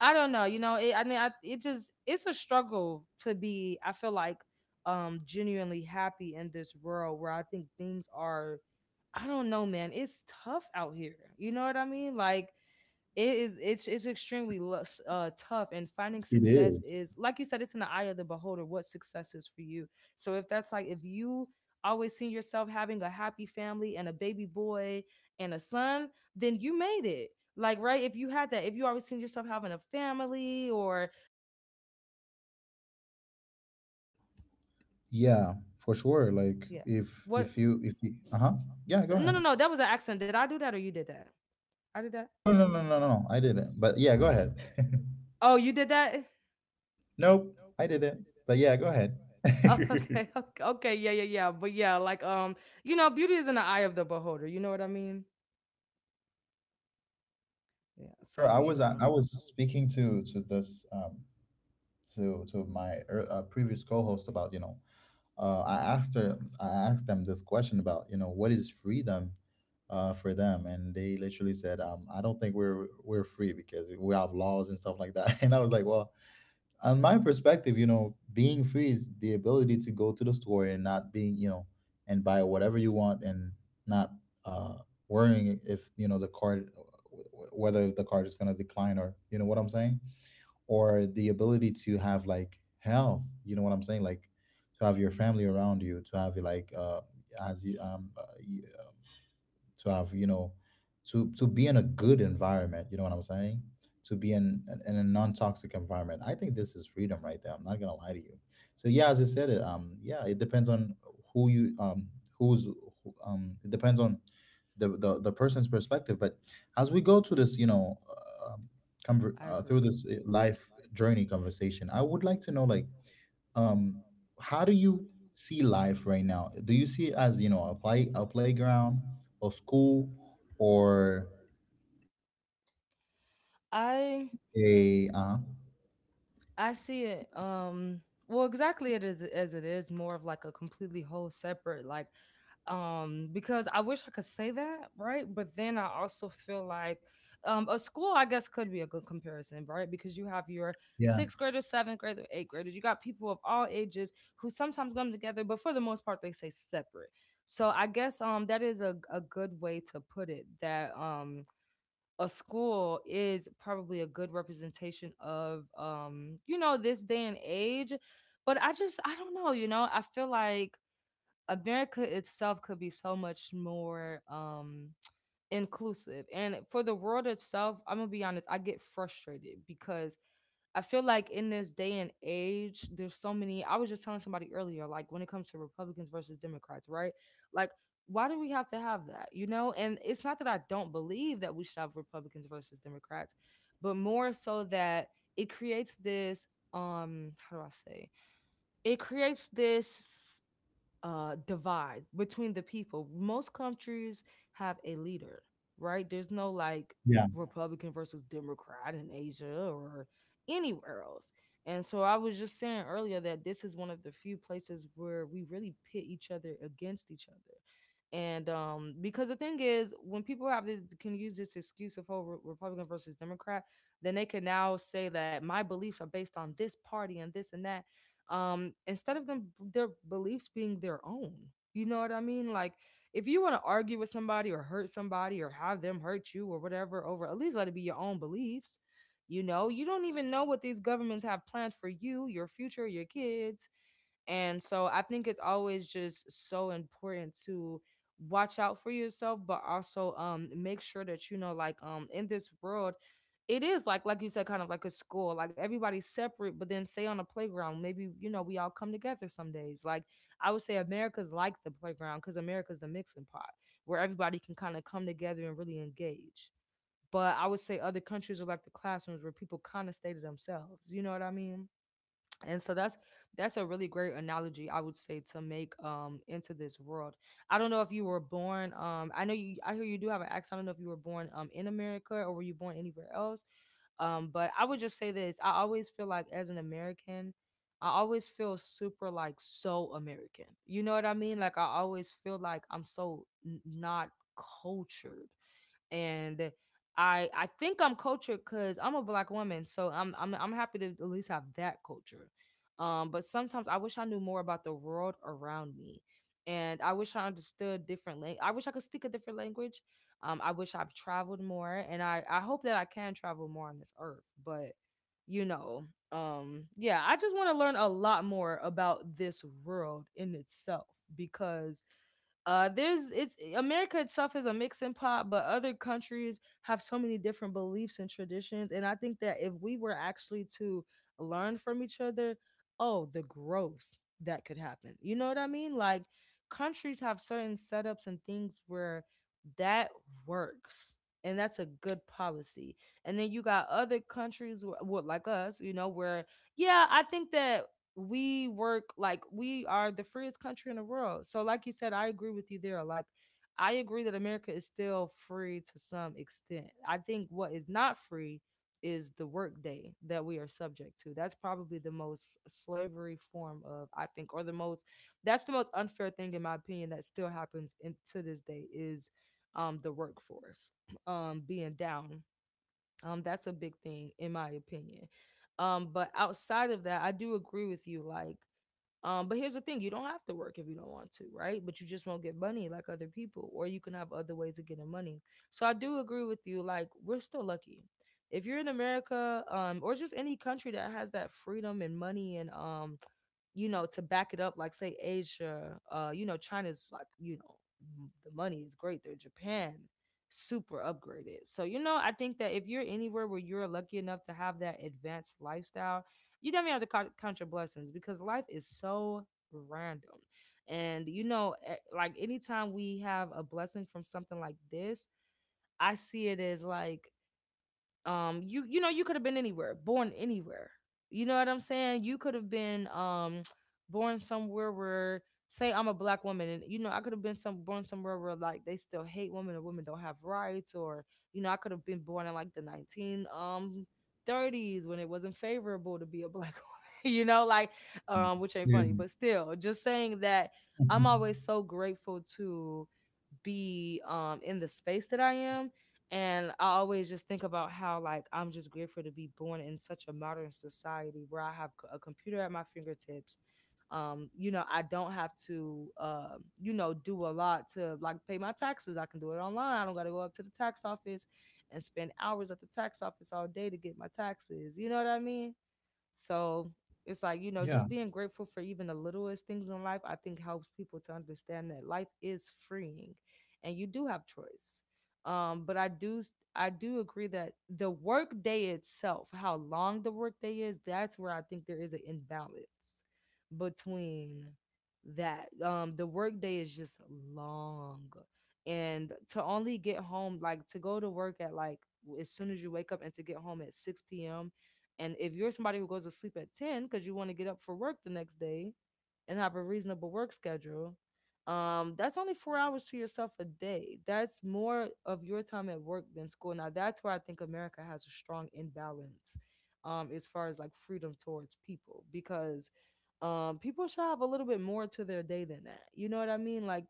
[SPEAKER 2] I don't know. You know, it, I mean, I, it just it's a struggle to be. I feel like um genuinely happy in this world where I think things are. I don't know, man. It's tough out here. You know what I mean? Like it is it's it's extremely uh, tough, and finding
[SPEAKER 1] It
[SPEAKER 2] success
[SPEAKER 1] is.
[SPEAKER 2] is like you said, it's in the eye of the beholder what success is for you. So if that's like if you always see yourself having a happy family and a baby boy and a son, then you made it, like right, if you had that if you always seen yourself having a family or
[SPEAKER 1] Yeah, for sure. Like
[SPEAKER 2] yeah,
[SPEAKER 1] if
[SPEAKER 2] what?
[SPEAKER 1] if you if you uh-huh. Yeah, go
[SPEAKER 2] so- no
[SPEAKER 1] ahead.
[SPEAKER 2] no no that was an accident. Did I do that or you did that? I did that.
[SPEAKER 1] No no no no no no. I didn't. But yeah, go ahead.
[SPEAKER 2] Oh you did that.
[SPEAKER 1] Nope, I didn't. But yeah, go ahead.
[SPEAKER 2] Oh, okay okay okay yeah, yeah, yeah. But yeah, like um you know beauty is in the eye of the beholder, you know what I mean? Yeah.
[SPEAKER 1] For sure.
[SPEAKER 2] So
[SPEAKER 1] I
[SPEAKER 2] you
[SPEAKER 1] was I
[SPEAKER 2] know,
[SPEAKER 1] was speaking to to this um to to my ear- uh, previous co-host about, you know, uh, I asked her, I asked them this question about, you know, what is freedom uh, for them, and they literally said, um, "I don't think we're we're free because we have laws and stuff like that." And I was like, "Well, on my perspective, you know, being free is the ability to go to the store and not being, you know, and buy whatever you want and not uh, worrying if you know the card, whether the card is going to decline, or you know what I'm saying." Or the ability to have like health, you know what I'm saying, like to have your family around you, to have like uh as you um uh, you- to have you know to to be in a good environment, you know what I'm saying, to be in in a non-toxic environment. I think this is freedom right there, I'm not gonna lie to you. So yeah, as I said it, um yeah, it depends on who you um who's who, um it depends on the, the the person's perspective. But as we go to this you know uh, um, conver-
[SPEAKER 2] I
[SPEAKER 1] uh, through
[SPEAKER 2] agree.
[SPEAKER 1] this uh, life journey conversation, I would like to know, like, um how do you see life right now? Do you see it as you know a play a playground or school or
[SPEAKER 2] I
[SPEAKER 1] a uh
[SPEAKER 2] I see it. Um, well, exactly it is as it is more of like a completely whole separate like um because I wish I could say that, right? But then I also feel like um a school I guess could be a good comparison, right? Because you have your
[SPEAKER 1] yeah
[SPEAKER 2] sixth graders, seventh graders, eighth graders. You got people of all ages who sometimes come together, but for the most part they say separate. So I guess um that is a, a good way to put it that um a school is probably a good representation of um you know this day and age, but I just I don't know, you know, I feel like America itself could be so much more um inclusive, and for the world itself I'm gonna be honest I get frustrated because I feel like in this day and age, there's so many. I was just telling somebody earlier, like when it comes to Republicans versus Democrats, right? Like, why do we have to have that? You know, and it's not that I don't believe that we should have Republicans versus Democrats, but more so that it creates this um how do I say? It creates this uh, divide between the people. Most countries have a leader, right? There's no like
[SPEAKER 1] yeah
[SPEAKER 2] Republican versus Democrat in Asia or anywhere else. And so I was just saying earlier that this is one of the few places where we really pit each other against each other. And um, Because the thing is, when people have this can use this excuse of, oh, Re- Republican versus Democrat, then they can now say that my beliefs are based on this party and this and that, um instead of them their beliefs being their own. You know what I mean? Like, if you want to argue with somebody or hurt somebody or have them hurt you or whatever, over, at least let it be your own beliefs. You know, you don't even know what these governments have planned for you, your future, your kids. And so I think it's always just so important to watch out for yourself, but also um make sure that you know, like, um in this world, it is like like you said, kind of like a school. Like, everybody's separate, but then, say on a playground, maybe, you know, we all come together some days. Like, I would say America's like the playground because America's the mixing pot where everybody can kind of come together and really engage. But I would say other countries are like the classrooms where people kind of stay to themselves. You know what I mean? And so that's that's a really great analogy, I would say, to make um into this world. I don't know if you were born, um I know you, I hear you do have an accent. I don't know if you were born um in America, or were you born anywhere else? Um but I would just say this: I always feel like as an American, I always feel super like so American. You know what I mean? Like, I always feel like I'm so n- not cultured. And I I think I'm cultured because I'm a black woman, so I'm I'm I'm happy to at least have that culture. Um, but sometimes I wish I knew more about the world around me, and I wish I understood different lang- I wish I could speak a different language. Um, I wish I've traveled more, and I I hope that I can travel more on this earth. But you know, um, yeah, I just want to learn a lot more about this world in itself because uh there's it's eh, America itself is a mix and pot, but other countries have so many different beliefs and traditions, and I think that if we were actually to learn from each other, oh, the growth that could happen. You know what I mean? Like, countries have certain setups and things where that works, and that's a good policy. And then you got other countries wh- what like us, you know, where, yeah, I think that we work, like we are the freest country in the world. So, like you said, I agree with you there. Like, I agree that America is still free to some extent. I think what is not free is the workday that we are subject to. That's probably the most slavery form of, I think, or the most, that's the most unfair thing, in my opinion, that still happens in, to this day is, um, the workforce um, being down. Um, that's a big thing in my opinion. Um, but outside of that, I do agree with you. Like, um, but here's the thing: you don't have to work if you don't want to, right? But you just won't get money like other people, or you can have other ways of getting money. So I do agree with you. Like, we're still lucky. If you're in America, um, or just any country that has that freedom and money and um you know, to back it up, like say Asia, uh, you know, China's like, you know, m- the money is great there. Japan, super upgraded. So, you know, I think that if you're anywhere where you're lucky enough to have that advanced lifestyle, you definitely have to count, count your blessings because life is so random. And, you know, eh, like anytime we have a blessing from something like this, I see it as like, um you you know, you could have been anywhere, born anywhere. You know what I'm saying? You could have been um born somewhere where, say I'm a black woman, and you know, I could have been some born somewhere where like they still hate women or women don't have rights. Or you know, I could have been born in like the nineteen um thirties, when it wasn't favorable to be a black woman, you know, like, um which ain't
[SPEAKER 1] yeah
[SPEAKER 2] funny, but still, just saying that, I'm
[SPEAKER 1] Mhm.
[SPEAKER 2] always so grateful to be um in the space that I am. And I always just think about how like I'm just grateful to be born in such a modern society where I have c- a computer at my fingertips. Um, you know, I don't have to, uh, you know, do a lot to like pay my taxes. I can do it online. I don't gotta go up to the tax office and spend hours at the tax office all day to get my taxes. You know what I mean? So it's like, you know,
[SPEAKER 1] Yeah.
[SPEAKER 2] just being grateful for even the littlest things in life, I think, helps people to understand that life is freeing and you do have choice. Um, but I do I do agree that the work day itself, how long the work day is, that's where I think there is an imbalance between that. Um, the work day is just long. And to only get home, like to go to work at like as soon as you wake up and to get home at six p.m., and if you're somebody who goes to sleep at ten because you want to get up for work the next day and have a reasonable work schedule, um, that's only four hours to yourself a day. That's more of your time at work than school. Now, that's where I think America has a strong imbalance, um, as far as like freedom towards people, because um, people should have a little bit more to their day than that. You know what I mean? Like,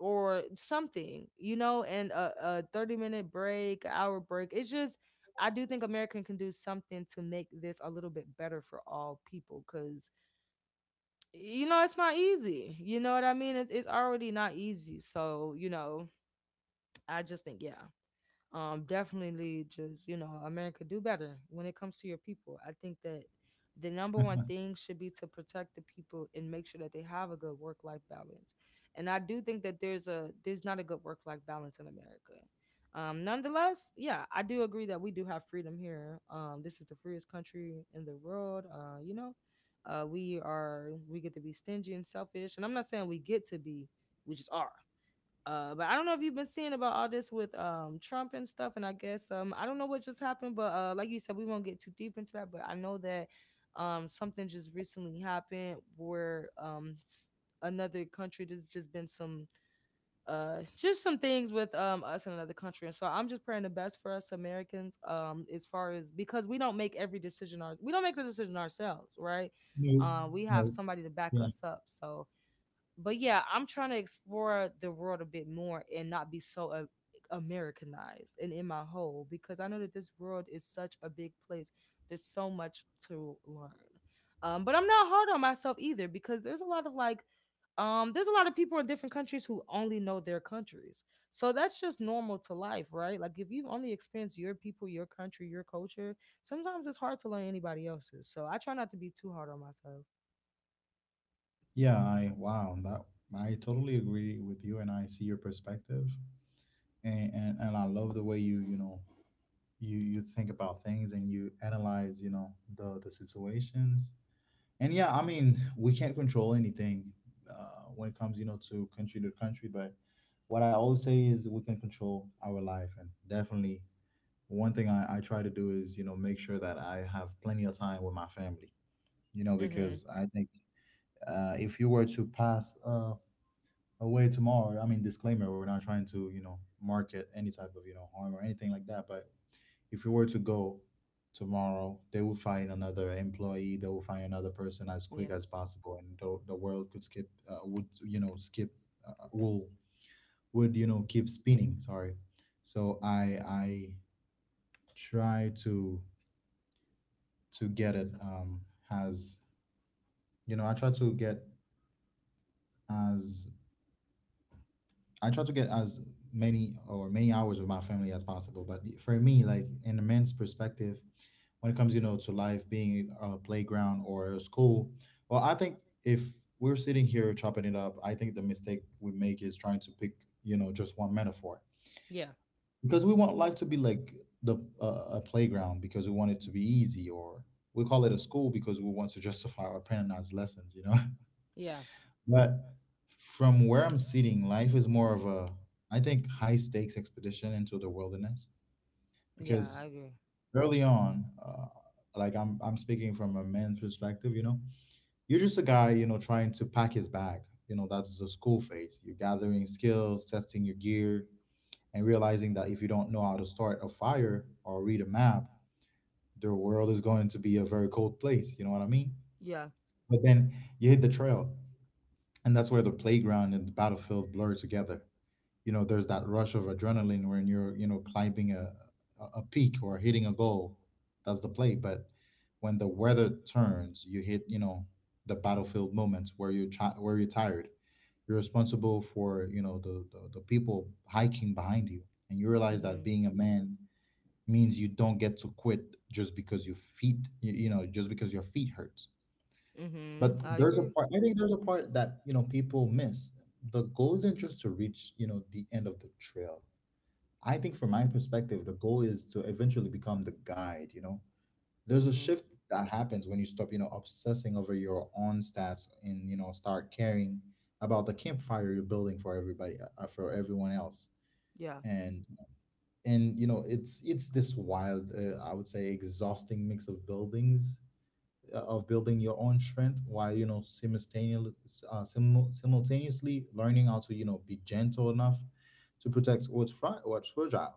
[SPEAKER 2] or something, you know, and a, a thirty minute break, hour break. It's just, I do think America can do something to make this a little bit better for all people because you know, it's not easy. You know what I mean? It's it's already not easy. So, you know, I just think, yeah, um definitely, just, you know, America, do better when it comes to your people. I think that the number one thing should be to protect the people and make sure that they have a good work life balance. And I do think that there's a there's not a good work life balance in America. Um nonetheless, yeah, I do agree that we do have freedom here. Um this is the freest country in the world. Uh you know, uh we are, we get to be stingy and selfish, and I'm not saying we get to be, we just are. Uh, but I don't know if you've been seeing about all this with um Trump and stuff, and I guess um I don't know what just happened, but uh like you said, we won't get too deep into that. But I know that um something just recently happened where um s- another country, there's just been some uh just some things with um us in another country, and so I'm just praying the best for us Americans, um as far as, because we don't make every decision our we don't make the decision ourselves, right?
[SPEAKER 1] No,
[SPEAKER 2] Uh, we
[SPEAKER 1] no.
[SPEAKER 2] have somebody to back
[SPEAKER 1] Yeah,
[SPEAKER 2] us up, so, but yeah, I'm trying to explore the world a bit more and not be so, uh, Americanized and in my hole, because I know that this world is such a big place. There's so much to learn. Um, but I'm not hard on myself either, because there's a lot of like, um, there's a lot of people in different countries who only know their countries. So that's just normal to life, right? Like if you've only experienced your people, your country, your culture, sometimes it's hard to learn anybody else's. So I try not to be too hard on myself.
[SPEAKER 1] yeah. I wow, that I totally agree with you, and I see your perspective, and and, and I love the way you you know you you think about things and you analyze you know the the situations. And yeah, I mean, we can't control anything uh, when it comes you know to country to country. But what I always say is we can control our life, and definitely one thing I, I try to do is you know make sure that I have plenty of time with my family, you know,
[SPEAKER 2] Mm-hmm.
[SPEAKER 1] because I think uh, if you were to pass uh, away tomorrow, I mean, disclaimer, we're not trying to you know market any type of you know harm or anything like that, but if you were to go tomorrow, they will find another employee. They will find another person as quick
[SPEAKER 2] Yeah.
[SPEAKER 1] as possible, and the, the world could skip uh, would you know skip uh, will would you know keep spinning. Sorry, so I I try to to get it um as you know I try to get as I try to get as many or many hours with my family as possible. But for me, like in a man's perspective, when it comes, you know, to life being a playground or a school, well, I think if we're sitting here chopping it up, I think the mistake we make is trying to pick, you know, just one metaphor,
[SPEAKER 2] Yeah.
[SPEAKER 1] because we want life to be like the uh, a playground because we want it to be easy, or we call it a school because we want to justify our parents' lessons, you know.
[SPEAKER 2] Yeah.
[SPEAKER 1] But from where I'm sitting, life is more of a, I think, high stakes expedition into the wilderness.
[SPEAKER 2] Yeah.
[SPEAKER 1] Because
[SPEAKER 2] I agree.
[SPEAKER 1] early on, uh, like I'm, I'm speaking from a man's perspective, you know, you're just a guy, you know, trying to pack his bag. You know, that's the school phase. You're gathering skills, testing your gear, and realizing that if you don't know how to start a fire or read a map, the world is going to be a very cold place. You know what I mean?
[SPEAKER 2] Yeah.
[SPEAKER 1] But then you hit the trail, and that's where the playground and the battlefield blur together you know There's that rush of adrenaline when you're you know climbing a a peak or hitting a goal. That's the play. But when the weather turns, you hit you know the battlefield moments where you chi- where you're tired. You're responsible for you know the, the the people hiking behind you, and you realize that
[SPEAKER 2] Mm-hmm.
[SPEAKER 1] being a man means you don't get to quit just because your feet, you, you know just because your feet hurts. But
[SPEAKER 2] hmm I
[SPEAKER 1] there's a
[SPEAKER 2] agree.
[SPEAKER 1] part I think there's a part that you know people miss. The goal isn't just to reach you know the end of the trail. I think, from my perspective, the goal is to eventually become the guide, you know. There's a
[SPEAKER 2] hmm
[SPEAKER 1] shift that happens when you stop, you know, obsessing over your own stats, and, you know, start caring about the campfire you're building for everybody, uh, uh, for everyone else.
[SPEAKER 2] Yeah.
[SPEAKER 1] And and you know, it's it's this wild, uh, I would say, exhausting mix of buildings, uh, of building your own strength while, you know, simultaneously, uh, simu- simultaneously learning how to, you know, be gentle enough to protect what's fri- what's fragile.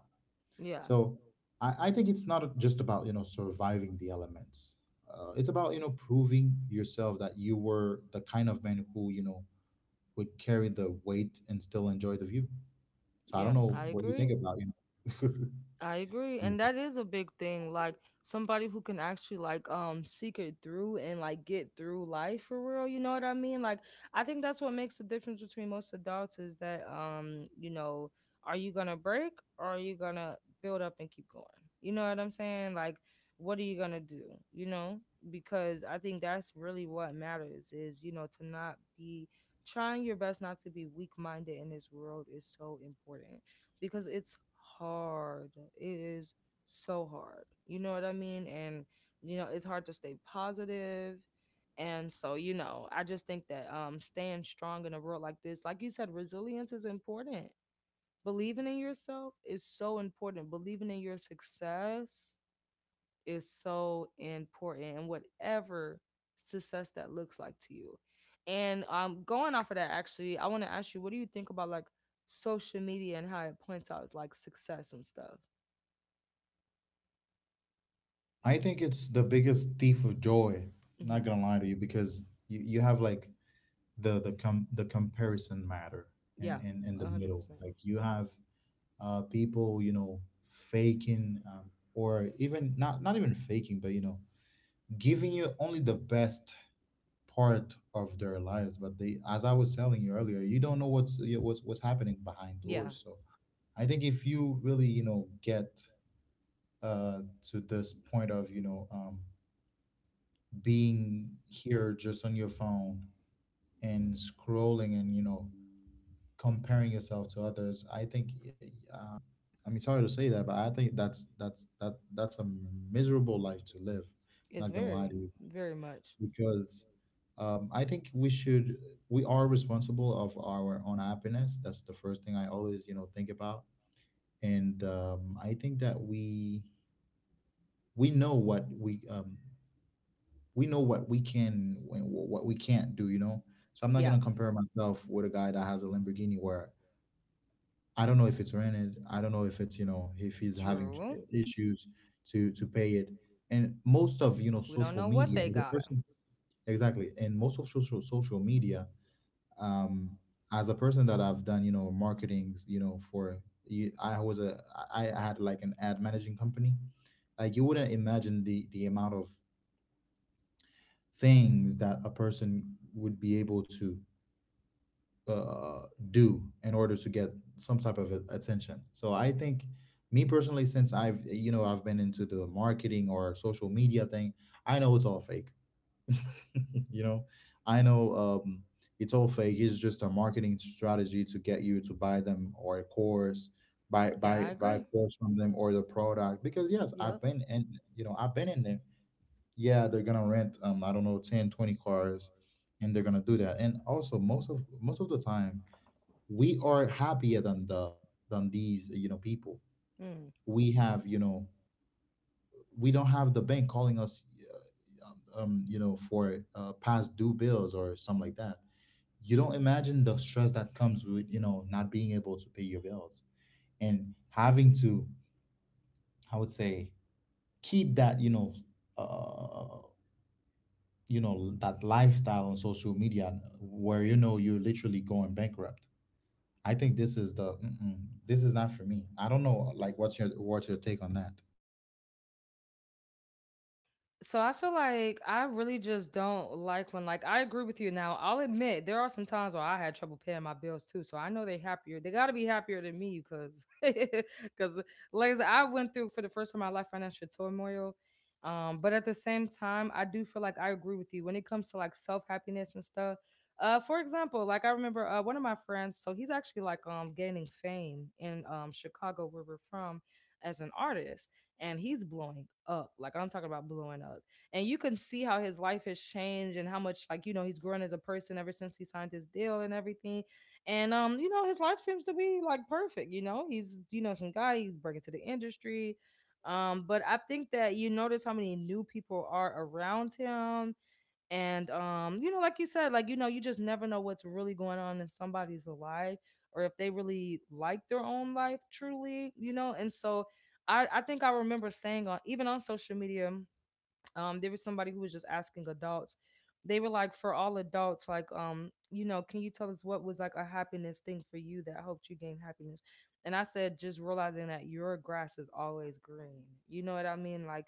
[SPEAKER 2] Yeah.
[SPEAKER 1] So I, I think it's not just about you know surviving the elements. Uh, it's about you know proving yourself that you were the kind of man who you know would carry the weight and still enjoy the view. So I don't
[SPEAKER 2] Yeah.
[SPEAKER 1] know what you
[SPEAKER 2] Agree.
[SPEAKER 1] think about you know.
[SPEAKER 2] I agree, and
[SPEAKER 1] Yeah.
[SPEAKER 2] that is a big thing. Like, somebody who can actually like um seek it through and like get through life for real. You know what I mean? Like, I think that's what makes the difference between most adults is that, um you know, are you gonna break, or are you gonna build up and keep going? You know what I'm saying? Like, what are you gonna do? You know, because I think that's really what matters is, you know, to not be, trying your best not to be weak minded in this world, is so important because it's hard. It is so hard. You know what I mean? And you know, it's hard to stay positive. And so, you know, I just think that um staying strong in a world like this, like you said, resilience is important. Believing in yourself is so important. Believing in your success is so important, and whatever success that looks like to you. And um, going off of that, actually, I want to ask you, what do you think about like social media and how it points out like success and stuff?
[SPEAKER 1] I think it's the biggest thief of joy. Not
[SPEAKER 2] Hmm.
[SPEAKER 1] gonna lie to you, because you, you have like the the com the comparison matter in,
[SPEAKER 2] Yeah,
[SPEAKER 1] in in the
[SPEAKER 2] a hundred
[SPEAKER 1] middle.
[SPEAKER 2] percent.
[SPEAKER 1] Like you have uh people, you know, faking, um, or even not not even faking, but, you know, giving you only the best part of their lives. But they, as I was telling you earlier, you don't know what's you know, what's what's happening behind
[SPEAKER 2] Yeah,
[SPEAKER 1] doors. So I think if you really, you know, get uh to this point of, you know um being here just on your phone, and scrolling, and you know comparing yourself to others. I think, um, I mean, sorry to say that, but I think that's that's that that's a miserable life to live.
[SPEAKER 2] it's
[SPEAKER 1] Not gonna
[SPEAKER 2] very,
[SPEAKER 1] lie to you.
[SPEAKER 2] very much.
[SPEAKER 1] Because, um, I think, we should we are responsible of our own happiness. That's the first thing I always you know think about. And, um, I think that we we know what we, um, we know what we can, and wh- what we can't do, you know. So I'm not
[SPEAKER 2] Yeah,
[SPEAKER 1] gonna compare myself with a guy that has a Lamborghini, where I don't know if it's rented, I don't know if it's, you know if he's having ch-
[SPEAKER 2] true.
[SPEAKER 1] issues to to pay it. And most of, you know
[SPEAKER 2] We don't
[SPEAKER 1] social
[SPEAKER 2] know what
[SPEAKER 1] media,
[SPEAKER 2] they
[SPEAKER 1] as a
[SPEAKER 2] got.
[SPEAKER 1] person, exactly, and most of social social media, um, as a person that I've done, you know marketing, you know for you- I was a I I had like an ad managing company. Like you wouldn't imagine the the amount of things that a person would be able to, uh, do in order to get some type of a- attention. So I think, me personally, since I've, you know I've been into the marketing or social media thing, I know it's all fake. you know, I know, um, it's all fake. It's just a marketing strategy to get you to buy them or a course. Buy,
[SPEAKER 2] Yeah, I
[SPEAKER 1] buy buy a
[SPEAKER 2] agree.
[SPEAKER 1] course from them, or the product. Because yes,
[SPEAKER 2] Yep.
[SPEAKER 1] I've been in, you know I've been in there. Yeah, they're gonna rent, um I don't know, ten twenty cars, and they're gonna do that. And also, most of most of the time, we are happier than the than these you know people.
[SPEAKER 2] Mm.
[SPEAKER 1] We have, you know we don't have the bank calling us, uh, um you know for, uh, past due bills, or something like that. You don't imagine the stress that comes with, you know not being able to pay your bills, and having to, I would say, keep that, you know uh, you know that lifestyle on social media where, you know you're literally going bankrupt. I think this is the mm-mm, this is not for me. I don't know, like, what's your what's your take on that?
[SPEAKER 2] So I feel like I really just don't like when, like, I agree with you now. I'll admit there are some times where I had trouble paying my bills too. So I know they happier. They got to be happier than me because because like I said, I went through for the first time in my life financial turmoil. Um, but at the same time, I do feel like I agree with you when it comes to like self happiness and stuff. Uh, for example, like I remember uh, one of my friends. So he's actually like um gaining fame in um Chicago where we're from, as an artist, and he's blowing up. Like I'm talking about blowing up. And you can see how his life has changed and how much, like, you know, he's grown as a person ever since he signed his deal and everything. And um you know, his life seems to be like perfect, you know. He's, you know, some guy, he's breaking to the industry. Um but I think that you notice how many new people are around him, and um you know, like you said, like, you know, you just never know what's really going on in somebody's life or if they really like their own life truly, you know. And so i i think I remember saying on even on social media, um there was somebody who was just asking adults. They were like, for all adults, like, um you know, can you tell us what was like a happiness thing for you that helped you gain happiness? And I said, just realizing that your grass is always green. You know what I mean? Like,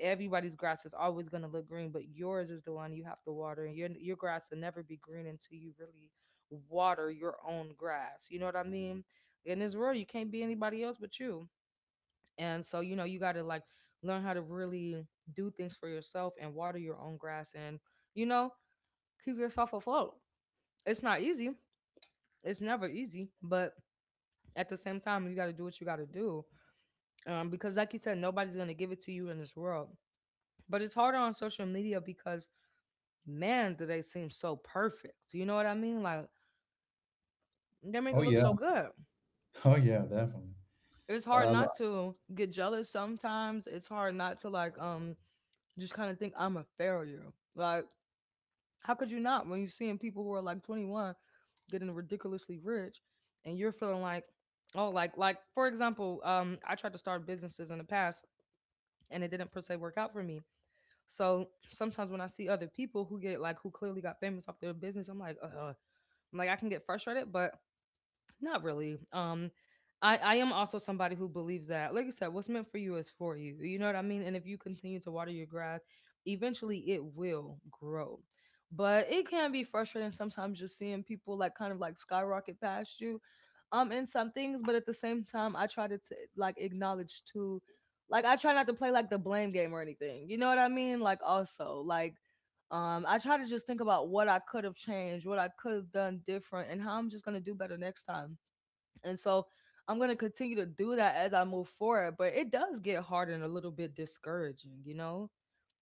[SPEAKER 2] everybody's grass is always going to look green, but yours is the one you have to water, and your your grass will never be green until you really water your own grass. You know what I mean? In this world, you can't be anybody else but you. And so, you know, you got to like learn how to really do things for yourself and water your own grass and, you know, keep yourself afloat. It's not easy. It's never easy. But at the same time, you got to do what you got to do. Um, because, like you said, nobody's going to give it to you in this world. But it's harder on social media because, man, do they seem so perfect. You know what I mean? Like, they make
[SPEAKER 1] Oh
[SPEAKER 2] it look
[SPEAKER 1] yeah.
[SPEAKER 2] so good.
[SPEAKER 1] Oh yeah, definitely.
[SPEAKER 2] It's
[SPEAKER 1] But
[SPEAKER 2] hard
[SPEAKER 1] I was like,
[SPEAKER 2] not to get jealous sometimes. It's hard not to like um just kind of think I'm a failure. Like, how could you not when you're seeing people who are like twenty-one getting ridiculously rich, and you're feeling like, oh, like like for example, um, I tried to start businesses in the past, and it didn't per se work out for me. So sometimes when I see other people who get like who clearly got famous off their business, I'm like, uh, I'm like, I can get frustrated, but not really. Um, I I am also somebody who believes that, like I said, what's meant for you is for you. You know what I mean? And if you continue to water your grass, eventually it will grow. But it can be frustrating sometimes just seeing people like kind of like skyrocket past you, um, in some things. But at the same time, I try to t- like acknowledge too, like I try not to play like the blame game or anything. You know what I mean? Like also like um, I try to just think about what I could have changed, what I could have done different, and how I'm just gonna do better next time. And so I'm going to continue to do that as I move forward, but it does get hard and a little bit discouraging, you know?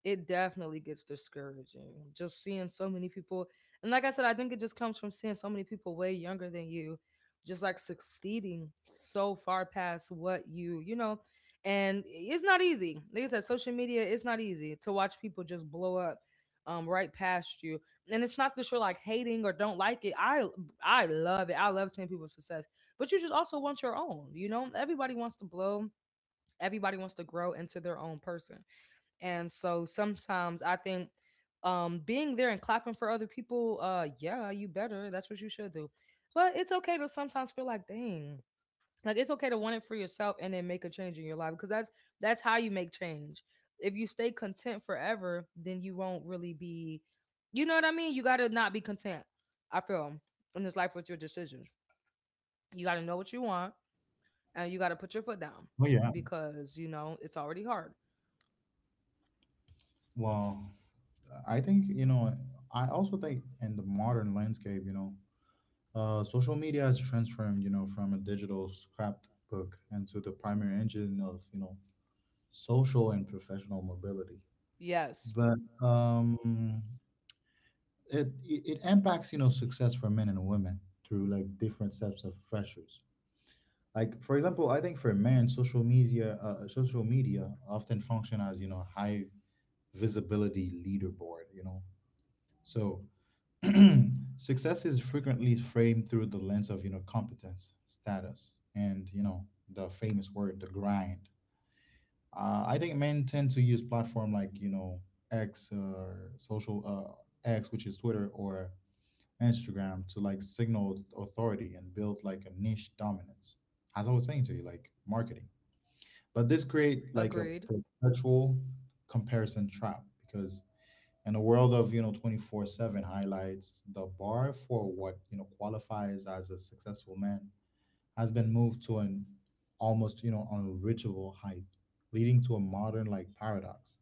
[SPEAKER 2] It definitely gets discouraging just seeing so many people. And like I said, I think it just comes from seeing so many people way younger than you, just like succeeding so far past what you you know. And it's not easy. Like I said, social media, it's not easy to watch people just blow up um right past you. And it's not that you're like hating or don't like it. i I love it. I love seeing people's success. But you just also want your own, you know. Everybody wants to blow, everybody wants to grow into their own person. And so sometimes I think, um being there and clapping for other people, uh yeah, you better. That's what you should do. But it's okay to sometimes feel like, dang, like it's okay to want it for yourself and then make a change in your life, because that's that's how you make change. If you stay content forever, then you won't really be, you know what I mean? You gotta not be content, I feel, in this life with your decisions. You gotta know what you want, and you gotta put your foot down
[SPEAKER 1] oh yeah.
[SPEAKER 2] because you know it's already hard.
[SPEAKER 1] Well, I think, you know I also think, in the modern landscape, you know uh, social media has transformed, you know from a digital scrapbook into the primary engine of, you know social and professional mobility.
[SPEAKER 2] Yes,
[SPEAKER 1] But, um it it it impacts, you know success for men and women, through like different sets of pressures. Like, for example, I think for men, social media uh, social media often function as, you know high visibility leaderboard, you know so, success is frequently framed through the lens of, you know competence, status, and, you know the famous word, the grind. uh, I think men tend to use platform like, you know x, or social uh, x, which is Twitter, or Instagram, to like signal authority and build like a niche dominance. As I was saying to you, like, marketing. But this create like a
[SPEAKER 2] agreed.
[SPEAKER 1] perpetual comparison trap, because in a world of you know twenty-four seven highlights, the bar for what you know qualifies as a successful man has been moved to an almost you know unreachable height, leading to a modern, like, paradox.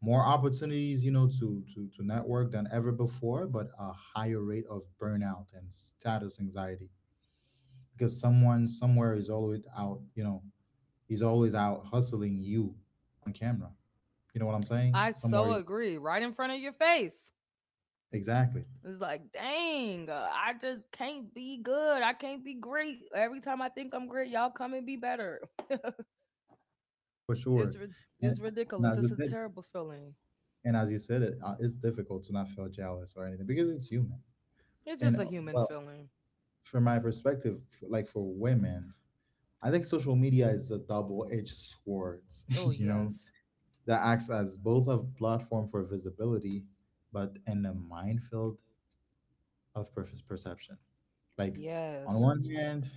[SPEAKER 1] More opportunities, you know to to to network than ever before, but a higher rate of burnout and status anxiety, because someone, somewhere, is always out, you know is always out hustling you, on camera, you know what I'm saying,
[SPEAKER 2] I so
[SPEAKER 1] somewhere.
[SPEAKER 2] agree. Right in front of your face.
[SPEAKER 1] Exactly.
[SPEAKER 2] It's like, dang, uh, I just can't be good. I can't be great. Every time I think I'm great, y'all come and be better.
[SPEAKER 1] For sure.
[SPEAKER 2] It's rid- it's
[SPEAKER 1] And, and
[SPEAKER 2] ridiculous.
[SPEAKER 1] as you
[SPEAKER 2] It's a
[SPEAKER 1] said,
[SPEAKER 2] terrible feeling.
[SPEAKER 1] and as you said it uh, it's difficult to not feel jealous or anything, because it's human.
[SPEAKER 2] It's
[SPEAKER 1] And,
[SPEAKER 2] just a
[SPEAKER 1] uh,
[SPEAKER 2] human
[SPEAKER 1] well,
[SPEAKER 2] feeling.
[SPEAKER 1] from my perspective, f like, for women, I think social media is a double-edged sword,
[SPEAKER 2] Oh
[SPEAKER 1] you know
[SPEAKER 2] yes,
[SPEAKER 1] that acts as both a platform for visibility, but in a minefield of purpose perception. Like, on
[SPEAKER 2] yes,
[SPEAKER 1] one hand,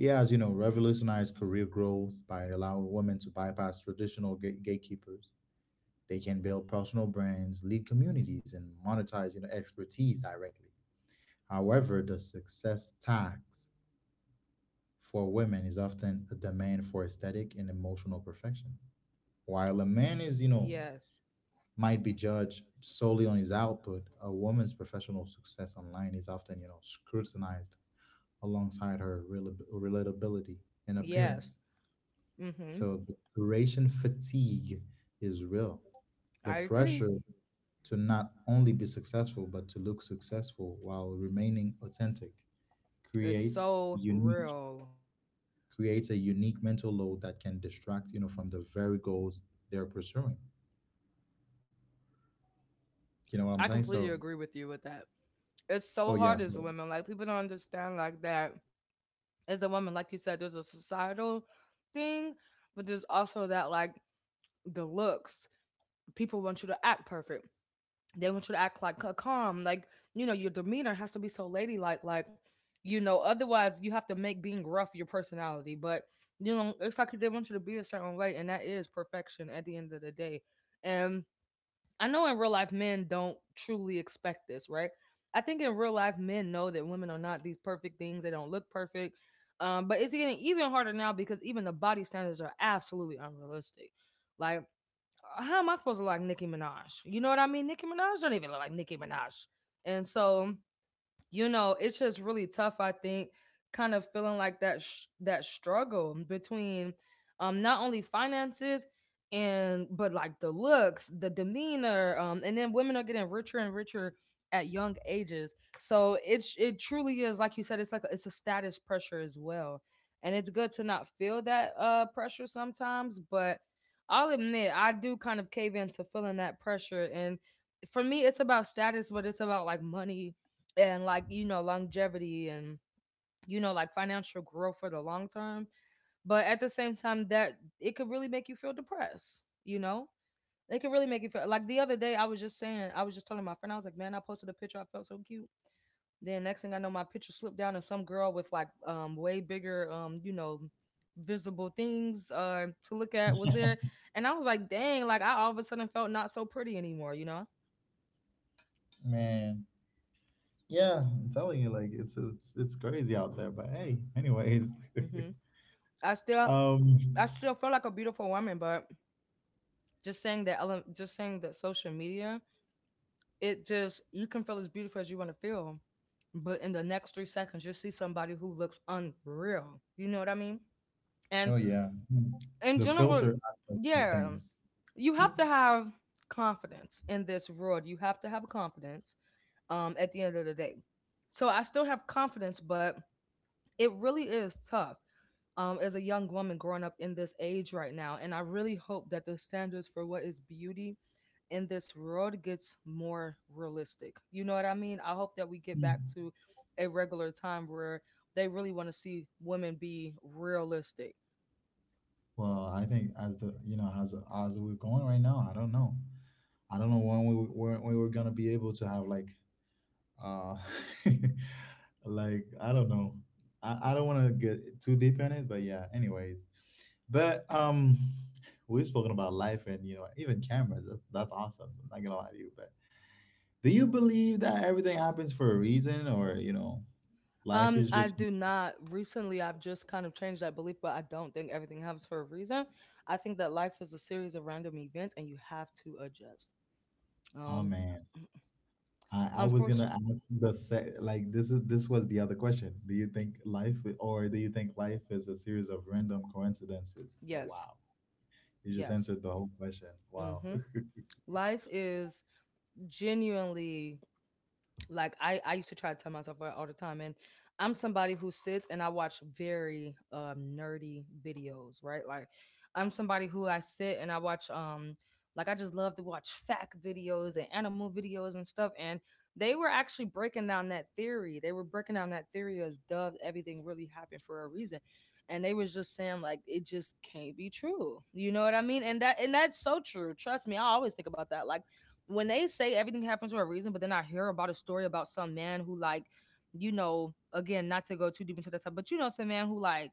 [SPEAKER 1] it has, you know, revolutionized career growth, by allowing women to bypass traditional gate- gatekeepers. They can build personal brands, lead communities, and monetize, you know, expertise directly. However, the success tax for women is often a demand for aesthetic and emotional perfection. While a man is, you know,
[SPEAKER 2] yes,
[SPEAKER 1] might be judged solely on his output, a woman's professional success online is often, you know, scrutinized alongside her rela- relatability and
[SPEAKER 2] yes.
[SPEAKER 1] appearance.
[SPEAKER 2] Mm-hmm.
[SPEAKER 1] So the curation fatigue is real. The
[SPEAKER 2] I agree.
[SPEAKER 1] pressure to not only be successful, but to look successful while remaining authentic,
[SPEAKER 2] It's
[SPEAKER 1] creates
[SPEAKER 2] so
[SPEAKER 1] unique
[SPEAKER 2] real.
[SPEAKER 1] creates a unique mental load that can distract, you know, from the very goals they're pursuing. You know what I'm
[SPEAKER 2] I
[SPEAKER 1] saying? So,
[SPEAKER 2] completely agree with you with that. It's
[SPEAKER 1] oh
[SPEAKER 2] so
[SPEAKER 1] yeah,
[SPEAKER 2] hard as
[SPEAKER 1] so.
[SPEAKER 2] a woman. Like people don't understand like that, as a woman. Like you said, there's a societal thing, but there's also that like the looks. People want you to act perfect. They want you to act like calm. Like, you know, your demeanor has to be so ladylike. Like, you know, otherwise you have to make being rough your personality. But, you know, it's like they want you to be a certain way, and that is perfection at the end of the day. And I know in real life men don't truly expect this, right? I think in real life men know that women are not these perfect things. They don't look perfect. Um, but it's getting even harder now because even the body standards are absolutely unrealistic. Like, how am I supposed to look like Nicki Minaj? You know what I mean? Nicki Minaj don't even look like Nicki Minaj. And so, you know, it's just really tough. I think kind of feeling like that sh- that struggle between um not only finances and but like the looks, the demeanor, um and then women are getting richer and richer at young ages. So it's, it truly is, like you said, it's like a, it's a status pressure as well. And it's good to not feel that uh pressure sometimes, but I'll admit I do kind of cave into feeling that pressure. And for me it's about status, but it's about like money and like, you know, longevity and, you know, like financial growth for the long term. But at the same time that it could really make you feel depressed, you know. It could really make you feel like, the other day I was just saying, I was just telling my friend, I was like, man, I posted a picture, I felt so cute, then next thing I know my picture slipped down and some girl with like um way bigger um you know visible things uh to look at was there. And I was like, dang, like, I all of a sudden felt not so pretty anymore, you know.
[SPEAKER 1] Man. Yeah, I'm telling you, like, it's it's it's crazy out there. But hey, anyways,
[SPEAKER 2] Hmm. I still,
[SPEAKER 1] um,
[SPEAKER 2] I still feel like a beautiful woman, but just saying that ele- just saying that social media, it just, you can feel as beautiful as you want to feel. But in the next three seconds you'll see somebody who looks unreal. You know what I mean? And
[SPEAKER 1] oh yeah. Hmm.
[SPEAKER 2] in
[SPEAKER 1] The
[SPEAKER 2] general,
[SPEAKER 1] filter aspect of
[SPEAKER 2] yeah,
[SPEAKER 1] things.
[SPEAKER 2] you
[SPEAKER 1] Hmm.
[SPEAKER 2] have to have confidence in this world. You have to have confidence um at the end of the day. So I still have confidence, but it really is tough. Um, as a young woman growing up in this age right now. And I really hope that the standards for what is beauty in this world gets more realistic. You know what I mean? I hope that we get
[SPEAKER 1] Hmm.
[SPEAKER 2] back to a regular time where they really want to see women be realistic.
[SPEAKER 1] Well, I think as the you know as as we're going right now, I don't know, I don't know when we when we were gonna be able to have like, uh, like, I don't know, I I don't want to get too deep in it, but yeah, anyways, but um. We've spoken about life, and, you know even cameras. That's, that's awesome. I'm not gonna lie to you, but. Do you believe that everything happens for a reason, or, you know, life
[SPEAKER 2] Um,
[SPEAKER 1] is
[SPEAKER 2] I
[SPEAKER 1] just.
[SPEAKER 2] do not. Recently, I've just kind of changed that belief, but I don't think everything happens for a reason. I think that life is a series of random events, and you have to adjust.
[SPEAKER 1] Oh,
[SPEAKER 2] Um,
[SPEAKER 1] man. I, I was gonna
[SPEAKER 2] Unfortunately,
[SPEAKER 1] ask the se- like, this is this was the other question. Do you think life, or do you think life is a series of random coincidences? So,
[SPEAKER 2] yes,
[SPEAKER 1] wow. You just
[SPEAKER 2] yes.
[SPEAKER 1] answered the whole question. Wow.
[SPEAKER 2] Mm-hmm. Life is genuinely like I I used to try to tell myself that all the time, and I'm somebody who sits and I watch very um, nerdy videos, right? Like I'm somebody who I sit and I watch um like I just love to watch fact videos and animal videos and stuff, and they were actually breaking down that theory. They were breaking down that theory as dove everything really happened for a reason. And they was just saying like it just can't be true. You know what I mean? And that and that's so true. Trust me, I always think about that. Like when they say everything happens for a reason, but then I hear about a story about some man who like, you know, again, not to go too deep into that type, but you know, some man who like,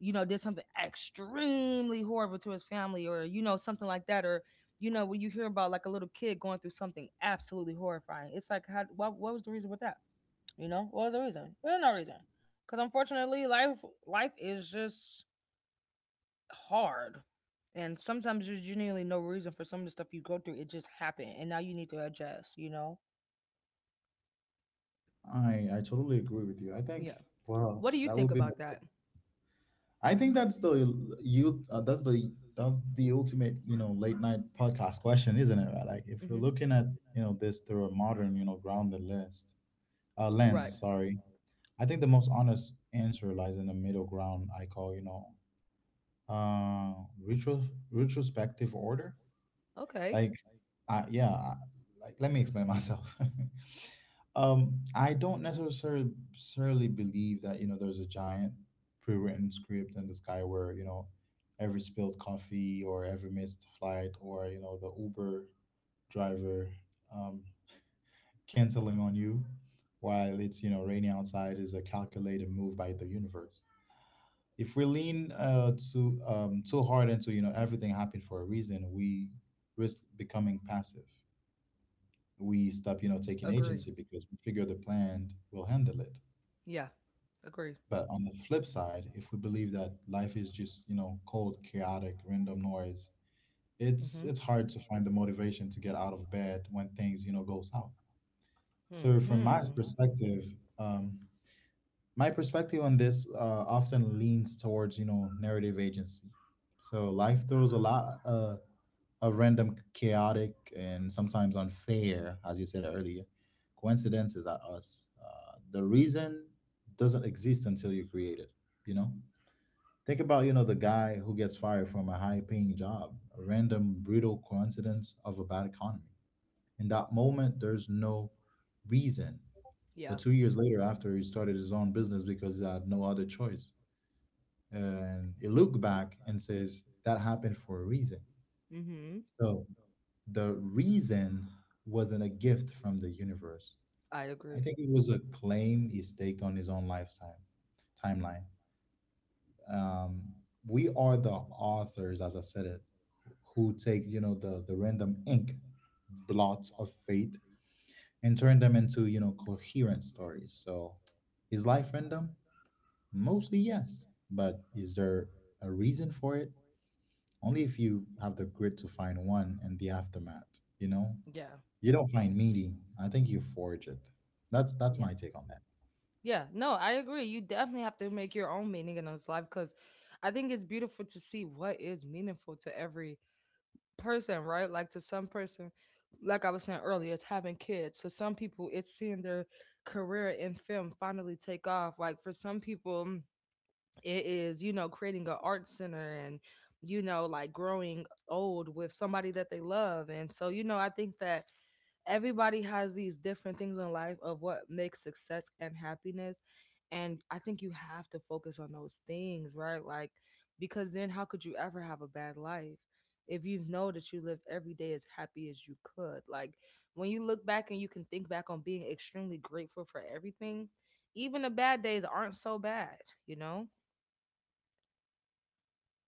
[SPEAKER 2] you know, did something extremely horrible to his family, or you know, something like that, or you know, when you hear about like a little kid going through something absolutely horrifying, it's like, how, what, what was the reason with that? You know, what was the reason? There's no reason, because unfortunately, life, life is just hard. And sometimes there's genuinely no reason for some of the stuff you go through. It just happened. And now you need to adjust, you know?
[SPEAKER 1] I I totally agree with you. I
[SPEAKER 2] Yeah.
[SPEAKER 1] think, wow,
[SPEAKER 2] What do you
[SPEAKER 1] that
[SPEAKER 2] think
[SPEAKER 1] would be.
[SPEAKER 2] about that?
[SPEAKER 1] I think that's the you uh, that's the that's the ultimate, you know late night podcast question, isn't it? Right? Like, if you're
[SPEAKER 2] Hmm.
[SPEAKER 1] looking at you know this through a modern, you know grounded list, uh,
[SPEAKER 2] Right.
[SPEAKER 1] lens, sorry, I think the most honest answer lies in the middle ground. I call, you know uh retro retrospective order.
[SPEAKER 2] Okay.
[SPEAKER 1] Like, uh, yeah I- like, let me explain myself. um I don't necessarily necessarily believe that you know there's a giant pre-written script in the sky, where, you know every spilled coffee, or every missed flight, or, you know the uber driver, um canceling on you while it's, you know raining outside, is a calculated move by the universe. If we lean uh too um too hard into, you know, everything happened for a reason, we risk becoming passive. We stop, you know, taking
[SPEAKER 2] Agree.
[SPEAKER 1] agency, because we figure the plan will handle it.
[SPEAKER 2] Yeah. Agree.
[SPEAKER 1] But on the flip side, if we believe that life is just, you know, cold, chaotic, random noise, it's
[SPEAKER 2] Hmm.
[SPEAKER 1] it's hard to find the motivation to get out of bed when things, you know, go south. So from my
[SPEAKER 2] Hmm.
[SPEAKER 1] perspective, um, my perspective on this uh, often leans towards you know narrative agency. So life throws a lot uh, of random, chaotic, and sometimes unfair, as you said earlier, coincidences at us. Uh, the reason doesn't exist until you create it, you know? Think about you know the guy who gets fired from a high paying job, a random brutal coincidence of a bad economy. In that moment there's no reason,
[SPEAKER 2] Yeah.
[SPEAKER 1] but two years later, after he started his own business because he had no other choice, and he looked back and says that happened for a reason.
[SPEAKER 2] Mm-hmm.
[SPEAKER 1] So the reason wasn't a gift from the universe.
[SPEAKER 2] I
[SPEAKER 1] I
[SPEAKER 2] agree.
[SPEAKER 1] think it was a claim he staked on his own lifetime timeline. Um, we are the authors, as I said it, who take you know the the random ink blots of fate and turn them into you know coherent stories. So is life random? Mostly yes, but is there a reason for it? Only if you have the grit to find one and the aftermath, you know?
[SPEAKER 2] Yeah.
[SPEAKER 1] You don't find meaning. I think you forge it. That's that's
[SPEAKER 2] Yeah.
[SPEAKER 1] my take on that.
[SPEAKER 2] Yeah, no, I agree. You definitely have to make your own meaning in this life because I think it's beautiful to see what is meaningful to every person, right? Like to some person, like I was saying earlier, it's having kids. To some people, it's seeing their career in film finally take off. Like for some people, it is you know creating an art center and you know like growing old with somebody that they love, and so you know I think that everybody has these different things in life of what makes success and happiness, and I think you have to focus on those things, right? Like because then how could you ever have a bad life if you know that you lived every day as happy as you could? Like when you look back and you can think back on being extremely grateful for everything, even the bad days aren't so bad, you know?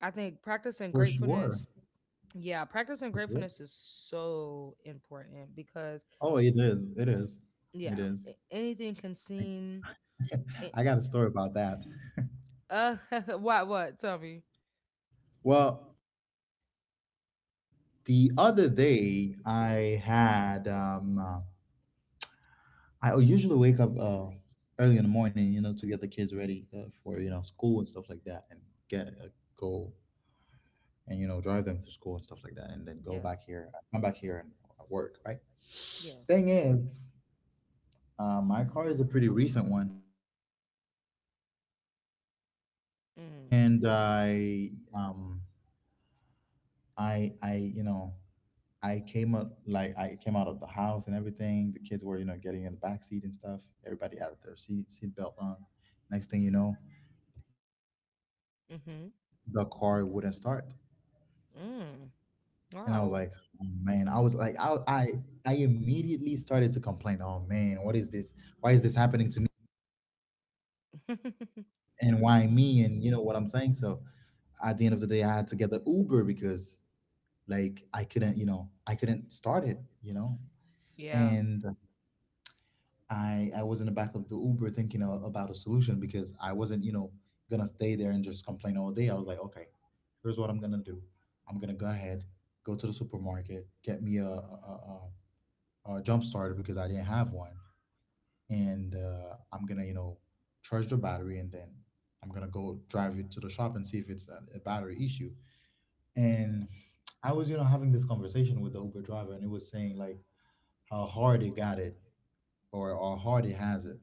[SPEAKER 2] I think practicing
[SPEAKER 1] For sure.
[SPEAKER 2] gratefulness. Yeah, practicing
[SPEAKER 1] For sure.
[SPEAKER 2] gratefulness is so important because
[SPEAKER 1] Oh, it is. It is. It
[SPEAKER 2] yeah,
[SPEAKER 1] is.
[SPEAKER 2] a- anything can
[SPEAKER 1] I,
[SPEAKER 2] seem. i-
[SPEAKER 1] I got a story about that.
[SPEAKER 2] Uh, what? What? Tell me.
[SPEAKER 1] Well, the other day I had um, uh, I usually wake up uh, early in the morning, you know, to get the kids ready uh, for you know
[SPEAKER 2] Hmm.
[SPEAKER 1] school and stuff like that, and get uh, go and you know drive them to school and stuff like that, and then go
[SPEAKER 2] Yeah.
[SPEAKER 1] back here, come back here and work. Right.
[SPEAKER 2] Yeah.
[SPEAKER 1] Thing is, uh, my car is a pretty recent one,
[SPEAKER 2] Mm.
[SPEAKER 1] and I um I I you know I came up, like I came out of the house and everything. The kids were you know getting in the back seat and stuff. Everybody had their seat seat belt on. Next thing you know,
[SPEAKER 2] Mhm.
[SPEAKER 1] the car wouldn't start.
[SPEAKER 2] Mm.
[SPEAKER 1] And I was
[SPEAKER 2] Wow.
[SPEAKER 1] like, oh, man, I was like, I, I, I immediately started to complain. Oh man, what is this? Why is this happening to me? And why me? And you know what I'm saying? So at the end of the day, I had to get the Uber because like I couldn't, you know, I couldn't start it, you know?
[SPEAKER 2] yeah.
[SPEAKER 1] And I, I was in the back of the Uber thinking a- about a solution because I wasn't, you know, gonna stay there and just complain all day. I was like, okay, here's what I'm gonna do. I'm gonna go ahead, go to the supermarket, get me a, a, a, a a jump starter because I didn't have one. And uh, I'm gonna, you know, charge the battery, and then I'm gonna go drive it to the shop and see if it's a, a battery issue. And I was, you know, having this conversation with the Uber driver, and it was saying like how hard it got it, or how hard it has it.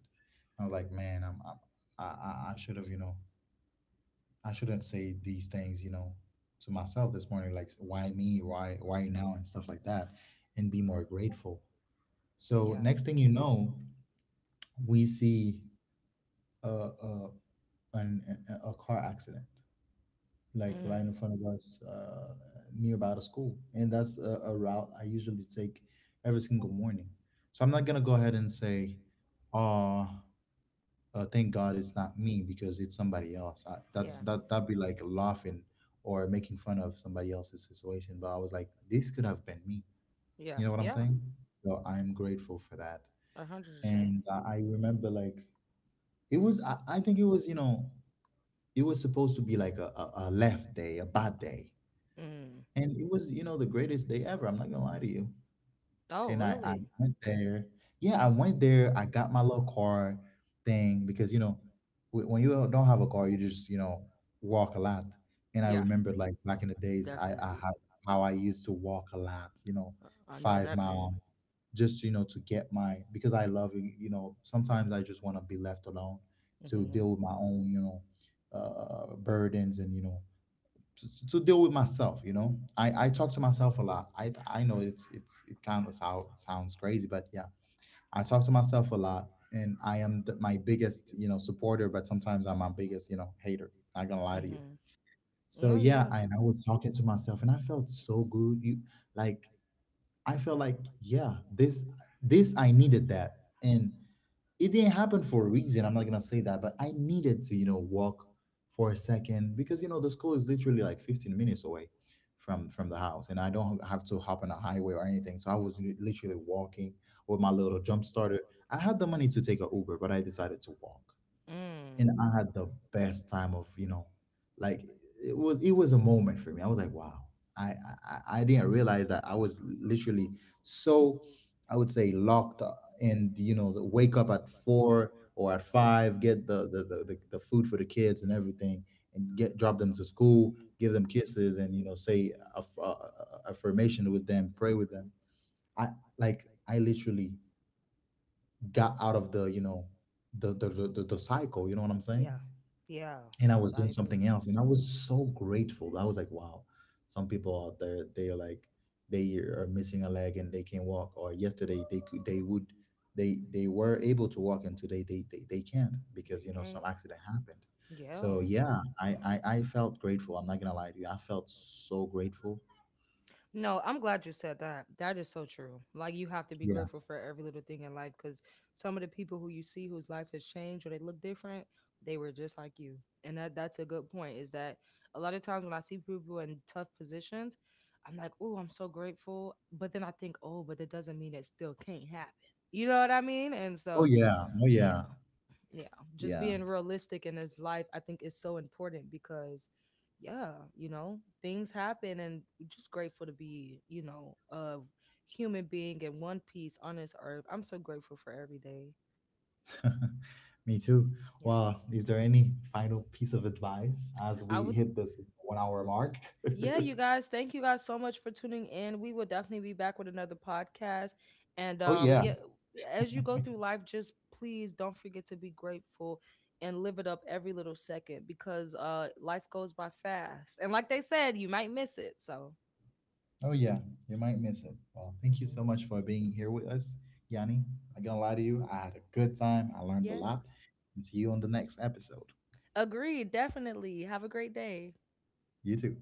[SPEAKER 1] I was like, man, I'm, I'm I, I I should have, you know, I shouldn't say these things, you know, to myself this morning, like why me, why why now, and stuff like that, and be more grateful. So
[SPEAKER 2] Yeah.
[SPEAKER 1] next thing you know, we see a, a, an a car accident, like right
[SPEAKER 2] Mm.
[SPEAKER 1] in front of us, uh, near about a school, and that's a, a route I usually take every single morning. So I'm not gonna go ahead and say, "Oh, uh, thank God it's not me," because it's somebody else. I, that's
[SPEAKER 2] Yeah.
[SPEAKER 1] that that'd be like laughing or making fun of somebody else's situation. But I was like, this could have been me.
[SPEAKER 2] Yeah,
[SPEAKER 1] You know what
[SPEAKER 2] you
[SPEAKER 1] I'm
[SPEAKER 2] know what,
[SPEAKER 1] saying? So I'm grateful for that.
[SPEAKER 2] hundred percent.
[SPEAKER 1] And I I remember like it was. I, I think it was, you know, it was supposed to be like a, a, a left day, a bad day.
[SPEAKER 2] And I, I remember like mm.
[SPEAKER 1] And it was, you know, the greatest day ever. I'm not gonna lie to you,
[SPEAKER 2] Oh,
[SPEAKER 1] and I, I
[SPEAKER 2] I,
[SPEAKER 1] went there. Yeah, I went there. I got my little car thing because you know wh- when you don't don't have a car, you just you know walk a lot. And I
[SPEAKER 2] yeah,
[SPEAKER 1] remember like back in the days, I,
[SPEAKER 2] had.
[SPEAKER 1] I had how I used to walk a lot. You know, five miles just you know to get my, because I love you, you know, sometimes I just want to be left alone to
[SPEAKER 2] Mm-hmm.
[SPEAKER 1] deal with my own you know uh, burdens and you know to, to deal with myself. You know, i i talk to myself a lot. I i know it's it's it kind of sound, sounds crazy, but yeah, I talk to myself a lot, and I am the, my biggest you know supporter, but sometimes I'm my biggest you know hater, not gonna lie to you. So
[SPEAKER 2] Oh.
[SPEAKER 1] yeah, I, and I was talking to myself and I felt so good. You like I felt like yeah, this this I needed that. And it didn't happen for a reason. I'm not gonna say that, but I needed to, you know, walk for a second because you know the school is literally like fifteen minutes away from from the house, and I don't have to hop on a highway or anything. So I was li- literally walking with my little jump starter. I had the money to take a Uber, but I decided to walk,
[SPEAKER 2] Mm.
[SPEAKER 1] and I had the best time of you know, like it was, it was a moment for me. I was like, wow, I I, I I didn't realize that I was literally so, I would say, locked uh, and you know the wake up at four or at five, get the the, the the the food for the kids and everything, and get drop them to school, give them kisses, and you know say aff- uh, uh, affirmation with them, pray with them. I, like I literally got out of the you know the the the, the, the cycle. You know what I'm saying?
[SPEAKER 2] Yeah.
[SPEAKER 1] And I was doing something else. And I was so grateful. I was like, wow, some people out there, they are like, they are missing a leg and they can walk. Or yesterday they could, they would, they they were able to walk, and today they they, they can't because
[SPEAKER 2] They
[SPEAKER 1] you know
[SPEAKER 2] can't.
[SPEAKER 1] some accident happened.
[SPEAKER 2] Yeah.
[SPEAKER 1] So yeah, I, I I felt grateful. I'm not gonna lie to you. I felt so grateful.
[SPEAKER 2] No, I'm glad you said that. That is so true. Like you have to be grateful
[SPEAKER 1] Yes.
[SPEAKER 2] for every little thing in life because some of the people who you see whose life has changed or they look different, they were just like you. And that that's a good point. Is that a lot of times when I see people in tough positions, I'm like, oh, I'm so grateful. But then I think, oh, but that doesn't mean it still can't happen. You know what I mean? And
[SPEAKER 1] Oh
[SPEAKER 2] so,
[SPEAKER 1] yeah. Oh
[SPEAKER 2] yeah.
[SPEAKER 1] yeah.
[SPEAKER 2] Yeah, just
[SPEAKER 1] Yeah.
[SPEAKER 2] being realistic in this life I think is so important because yeah, you know, things happen, and just grateful to be you know a human being in one piece on this earth. I'm so grateful for every day.
[SPEAKER 1] Me too.
[SPEAKER 2] Yeah.
[SPEAKER 1] Well, is there any final piece of advice as
[SPEAKER 2] I
[SPEAKER 1] we
[SPEAKER 2] would,
[SPEAKER 1] hit this one hour mark?
[SPEAKER 2] yeah, you guys, thank you guys so much for tuning in. We will definitely be back with another podcast. And
[SPEAKER 1] Oh
[SPEAKER 2] um
[SPEAKER 1] yeah.
[SPEAKER 2] yeah, as you go through life, just please don't forget to be grateful and live it up every little second because uh life goes by fast. And like they said, you might miss it. So,
[SPEAKER 1] Oh yeah, you might miss it. Well, thank you
[SPEAKER 2] mhm.
[SPEAKER 1] so much for being here with us, Yanni. I gonna lie to you, I had a good time. I learned a lot.
[SPEAKER 2] Yes.
[SPEAKER 1] And see you on the next episode.
[SPEAKER 2] Agreed, definitely. Have a great day.
[SPEAKER 1] You too.